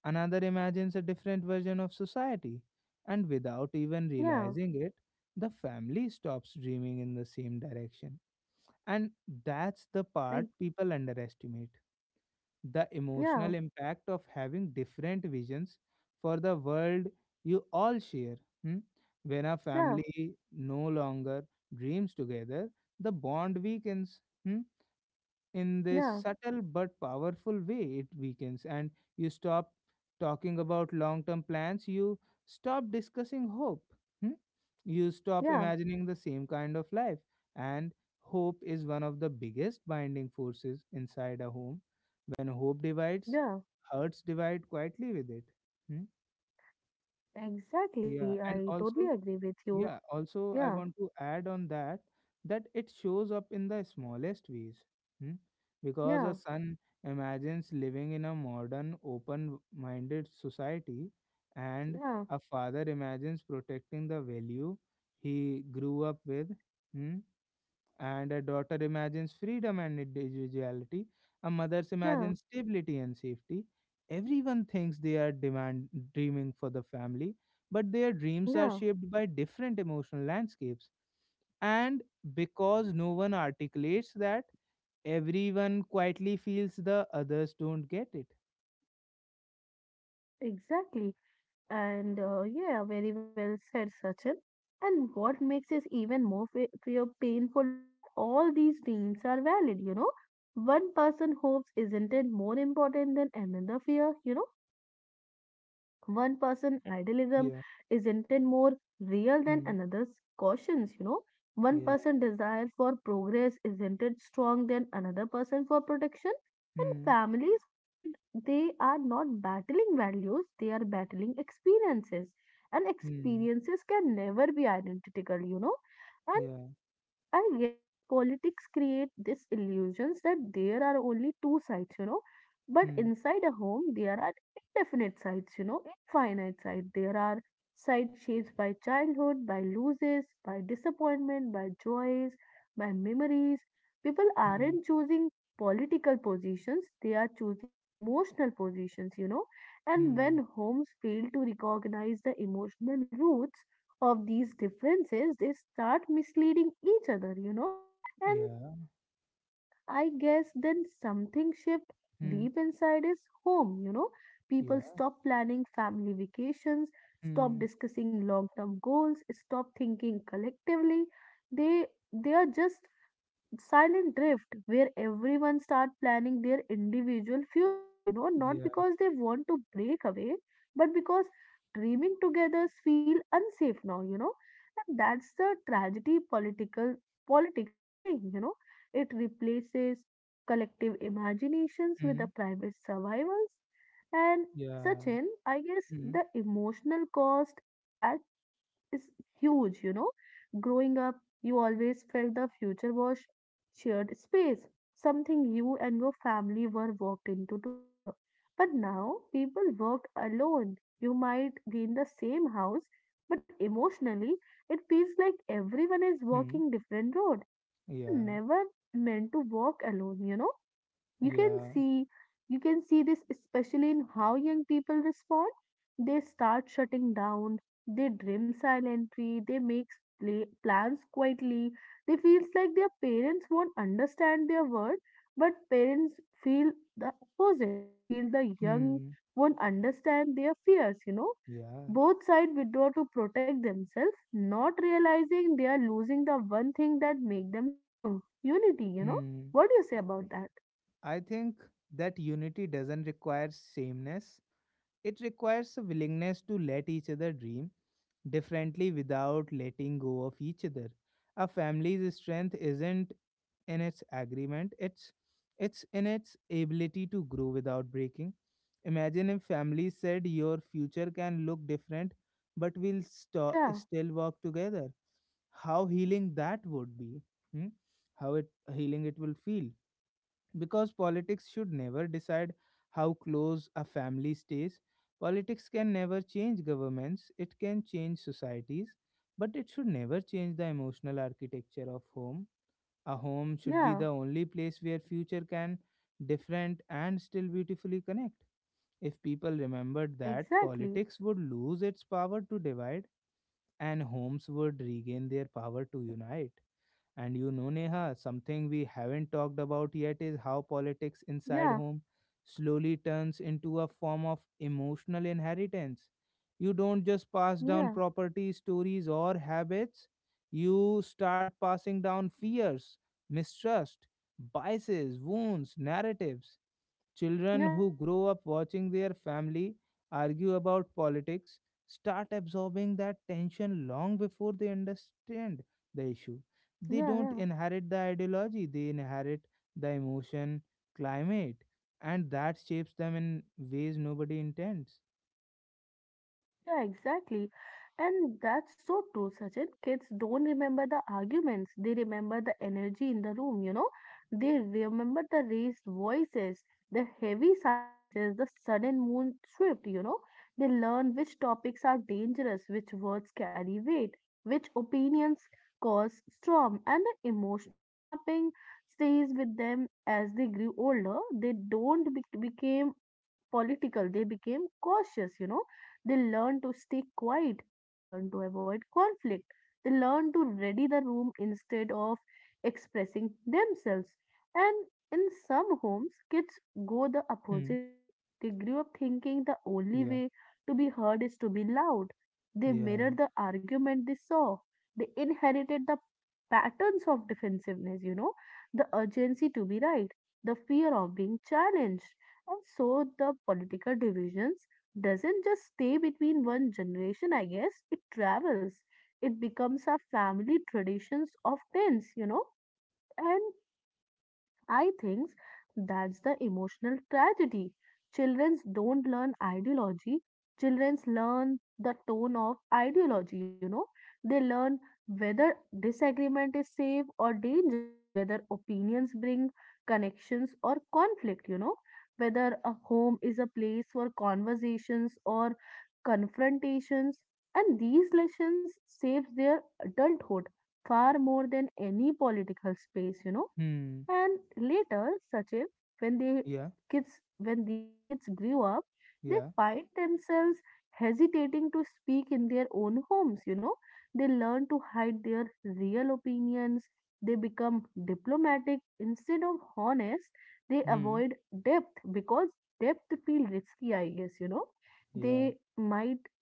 Speaker 1: another imagines a different version of society, and without even
Speaker 2: yeah,
Speaker 1: realizing it, the family stops dreaming in the same direction, and that's the part
Speaker 2: ex-
Speaker 1: people underestimate, the emotional
Speaker 2: yeah,
Speaker 1: impact of having different visions for the world you all share. Hmm? When a
Speaker 2: yeah,
Speaker 1: family no longer dreams together, the bond weakens. Hmm? In this
Speaker 2: yeah,
Speaker 1: subtle but powerful way it weakens, and you stop talking about long term plans, you stop discussing hope. Hmm? You stop
Speaker 2: yeah,
Speaker 1: imagining the same kind of life, and hope is one of the biggest binding forces inside a home. When hope divides,
Speaker 2: yeah,
Speaker 1: hurts divide quietly with it. Hmm? yeah
Speaker 2: exactly.
Speaker 1: and
Speaker 2: I totally
Speaker 1: also
Speaker 2: agree with you.
Speaker 1: yeah, also I
Speaker 2: Yeah,
Speaker 1: want to add on that it shows up in the smallest ways. Hmm? Because a
Speaker 2: yeah,
Speaker 1: son imagines living in a modern, open-minded society, and a
Speaker 2: yeah,
Speaker 1: father imagines protecting the value he grew up with. Hmm. And a daughter imagines freedom and individuality, a mother imagines
Speaker 2: yeah,
Speaker 1: stability and safety. Everyone thinks they are demand dreaming for the family, but their dreams are
Speaker 2: yeah,
Speaker 1: shaped by different emotional landscapes, and because no one articulates that, everyone quietly feels the others don't get it.
Speaker 2: exactly. And yeah, very well said, Sachin. And what makes this even more painful is that all these dreams are valid, One person hopes isn't it more important than another fear, One person idealism
Speaker 1: Yeah.
Speaker 2: isn't it more real than
Speaker 1: Hmm.
Speaker 2: another's cautions, One
Speaker 1: Yeah.
Speaker 2: person desire for progress isn't it strong than another person for protection? And
Speaker 1: Hmm.
Speaker 2: families forget they are not battling values, they are battling experiences. And
Speaker 1: Hmm.
Speaker 2: experiences can never be identical, And.
Speaker 1: Yeah.
Speaker 2: I guess politics create this illusions that there are only two sides, But
Speaker 1: Hmm.
Speaker 2: inside a home, there are indefinite sides, infinite sides. There are sides shaped by childhood, by losses, by disappointment, by joys, by memories. People
Speaker 1: Hmm.
Speaker 2: aren't choosing political positions, they are choosing emotional positions, And when
Speaker 1: Hmm.
Speaker 2: homes fail to recognize the emotional roots of these differences, they start misleading each other, And
Speaker 1: yeah
Speaker 2: I guess then something shift
Speaker 1: Hmm.
Speaker 2: deep inside is home, People
Speaker 1: Yeah.
Speaker 2: stop planning family vacations, stop
Speaker 1: Hmm.
Speaker 2: discussing long term goals, stop thinking collectively. They they are just silent drift where everyone start planning their individual futures, not
Speaker 1: Yeah.
Speaker 2: because they want to break away but because dreaming together feel unsafe now, and that's the tragedy political politics bring, it replaces collective imaginations with the
Speaker 1: Hmm.
Speaker 2: private survivals. And
Speaker 1: Yeah.
Speaker 2: Sachin, I guess
Speaker 1: Mhm.
Speaker 2: the emotional cost is that is huge, Growing up, you always felt the future was shared space, something you and your family were walked into together. But now people work alone. You might be in the same house, but emotionally, it feels like everyone is
Speaker 1: Mhm.
Speaker 2: walking different road, and we were
Speaker 1: Yeah,
Speaker 2: never meant to walk alone, you can
Speaker 1: yeah.
Speaker 2: see you can see this especially in how young people respond. They start shutting down, they dream silently, they make plans quietly, they feels like their parents won't understand their word, but parents feel the opposite. They feel the young
Speaker 1: Hmm.
Speaker 2: won't understand their fears,
Speaker 1: Yeah.
Speaker 2: both sides withdraw to protect themselves, not realizing they are losing the one thing that make them strong: unity,
Speaker 1: Hmm.
Speaker 2: what do you say about that?
Speaker 1: I think that unity doesn't require sameness. It requires a willingness to let each other dream differently without letting go of each other. A family's strength isn't in its agreement, it's in its ability to grow without breaking. Imagine if families said your future can look different, but we'll
Speaker 2: Yeah.
Speaker 1: still work together, how healing that would be. Hmm? How it healing it will feel, because politics should never decide how close a family stays. Politics can never change governments, it can change societies, but it should never change the emotional architecture of home. A home should be
Speaker 2: Yeah,
Speaker 1: the only place where future can different and still beautifully connect. If people remembered that,
Speaker 2: exactly.
Speaker 1: politics would lose its power to divide, and homes would regain their power to unite. And you know, Neha, something we haven't talked about yet is how politics inside
Speaker 2: Yeah,
Speaker 1: home slowly turns into a form of emotional inheritance. You don't just pass down
Speaker 2: yeah,
Speaker 1: property, stories, or habits, you start passing down fears, mistrust, biases, wounds, narratives. Children who
Speaker 2: yeah,
Speaker 1: grow up watching their family argue about politics start absorbing that tension long before they understand the issue. They
Speaker 2: yeah,
Speaker 1: don't
Speaker 2: yeah.
Speaker 1: inherit the ideology, they inherit the emotion climate, and that shapes them in ways nobody intends.
Speaker 2: Yeah, exactly. And that's so true, Sachin. Kids don't remember the arguments, they remember the energy in the room, They remember the raised voices, the heavy silences, the sudden moon shift, They learn which topics are dangerous, which words carry weight, which opinions cause storm, and the emotional mapping stays with them as they grew older. They don't became political. They became cautious, They learned to stay quiet. They learned to avoid conflict. They learned to ready the room instead of expressing themselves. And in some homes, kids go the
Speaker 1: Hmm.
Speaker 2: opposite way. They grew up thinking the only
Speaker 1: Yeah.
Speaker 2: way to be heard is to be loud. They
Speaker 1: Yeah.
Speaker 2: mirrored the argument they saw. They inherited the patterns of defensiveness, the urgency to be right, the fear of being challenged, and so the political divisions doesn't just stay between one generation, I guess. It travels. It becomes our family traditions of tens, And I think that's the emotional tragedy. Children don't learn ideology. Children learn the tone of ideology, They learn whether disagreement is safe or dangerous, whether opinions bring connections or conflict, whether a home is a place for conversations or confrontations. And these lessons save their adulthood far more than any political space,
Speaker 1: Hmm.
Speaker 2: and later, Sachin, when they
Speaker 1: Yeah.
Speaker 2: kids when these kids grew up, they
Speaker 1: Yeah.
Speaker 2: find themselves hesitating to speak in their own homes, They learn to hide their real opinions, they become diplomatic instead of honest, they
Speaker 1: Hmm.
Speaker 2: avoid depth because depth feel risky, I guess,
Speaker 1: Yeah.
Speaker 2: They might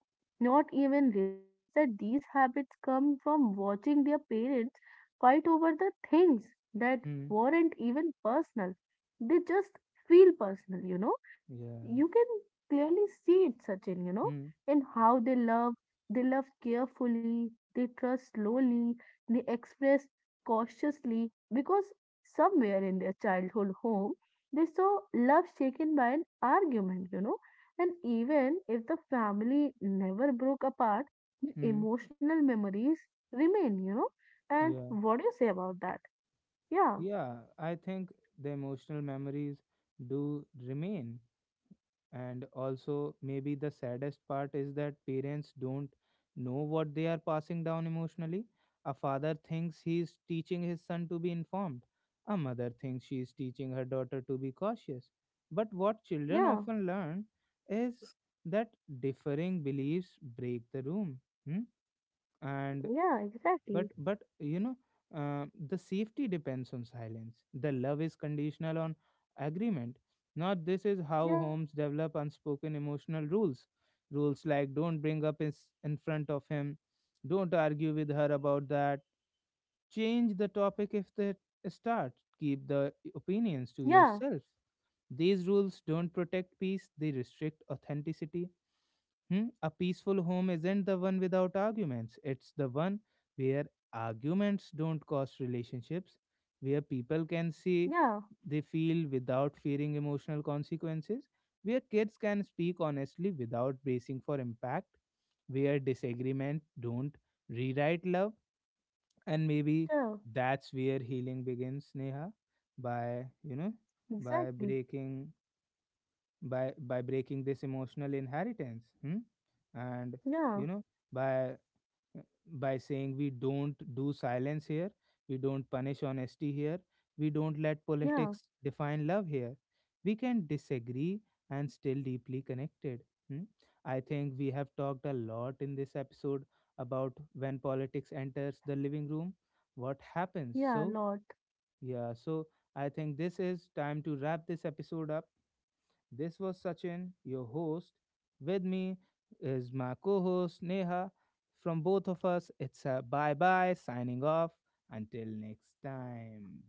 Speaker 2: not even realize that these habits come from watching their parents fight over the things that
Speaker 1: Hmm.
Speaker 2: weren't even personal. They just feel personal, And
Speaker 1: Yeah.
Speaker 2: you can clearly see it, Sachin,
Speaker 1: Hmm.
Speaker 2: in how they love. They love carefully, they trust slowly, they express cautiously because somewhere in their childhood home they saw love shaken by an argument, and even if the family never broke apart, the
Speaker 1: Hmm.
Speaker 2: emotional memories remain, And
Speaker 1: Yeah.
Speaker 2: what do you say about that? Yeah,
Speaker 1: Yeah, I think the emotional memories do remain. And also, maybe the saddest part is that parents don't know what they are passing down emotionally. A father thinks he is teaching his son to be informed, a mother thinks she is teaching her daughter to be cautious. But what children
Speaker 2: yeah,
Speaker 1: often learn is that differing beliefs break the room. Hmm? And
Speaker 2: yeah, exactly.
Speaker 1: but you know, the safety depends on silence, the love is conditional on agreement. Not this is how
Speaker 2: Yeah,
Speaker 1: homes develop unspoken emotional rules, rules like don't bring up is in front of him, don't argue with her about that, change the topic if they start, keep the opinions to
Speaker 2: yeah,
Speaker 1: yourself. These rules don't protect peace, they restrict authenticity. Hmm? A peaceful home isn't the one without arguments. It's the one where arguments don't cost relationships, where people can say
Speaker 2: yeah,
Speaker 1: they feel without fearing emotional consequences, where kids can speak honestly without bracing for impact, where disagreement don't rewrite love. And maybe
Speaker 2: yeah,
Speaker 1: that's where healing begins, Neha, by, you know, by
Speaker 2: exactly.
Speaker 1: breaking by breaking this emotional inheritance. Hmm? And
Speaker 2: Yeah,
Speaker 1: you know, by saying we don't do silence here, we don't punish honesty here, we don't let
Speaker 2: yeah,
Speaker 1: politics define love here, we can disagree and still deeply connected. Hmm? I think we have talked a lot in this episode about when politics enters the living room, what happens.
Speaker 2: yeah,
Speaker 1: So
Speaker 2: lot.
Speaker 1: yeah, so I think this is time to wrap this episode up. This was Sachin, your host. With me is my co host Neha. From both of us, it's a bye bye signing off. Until next time.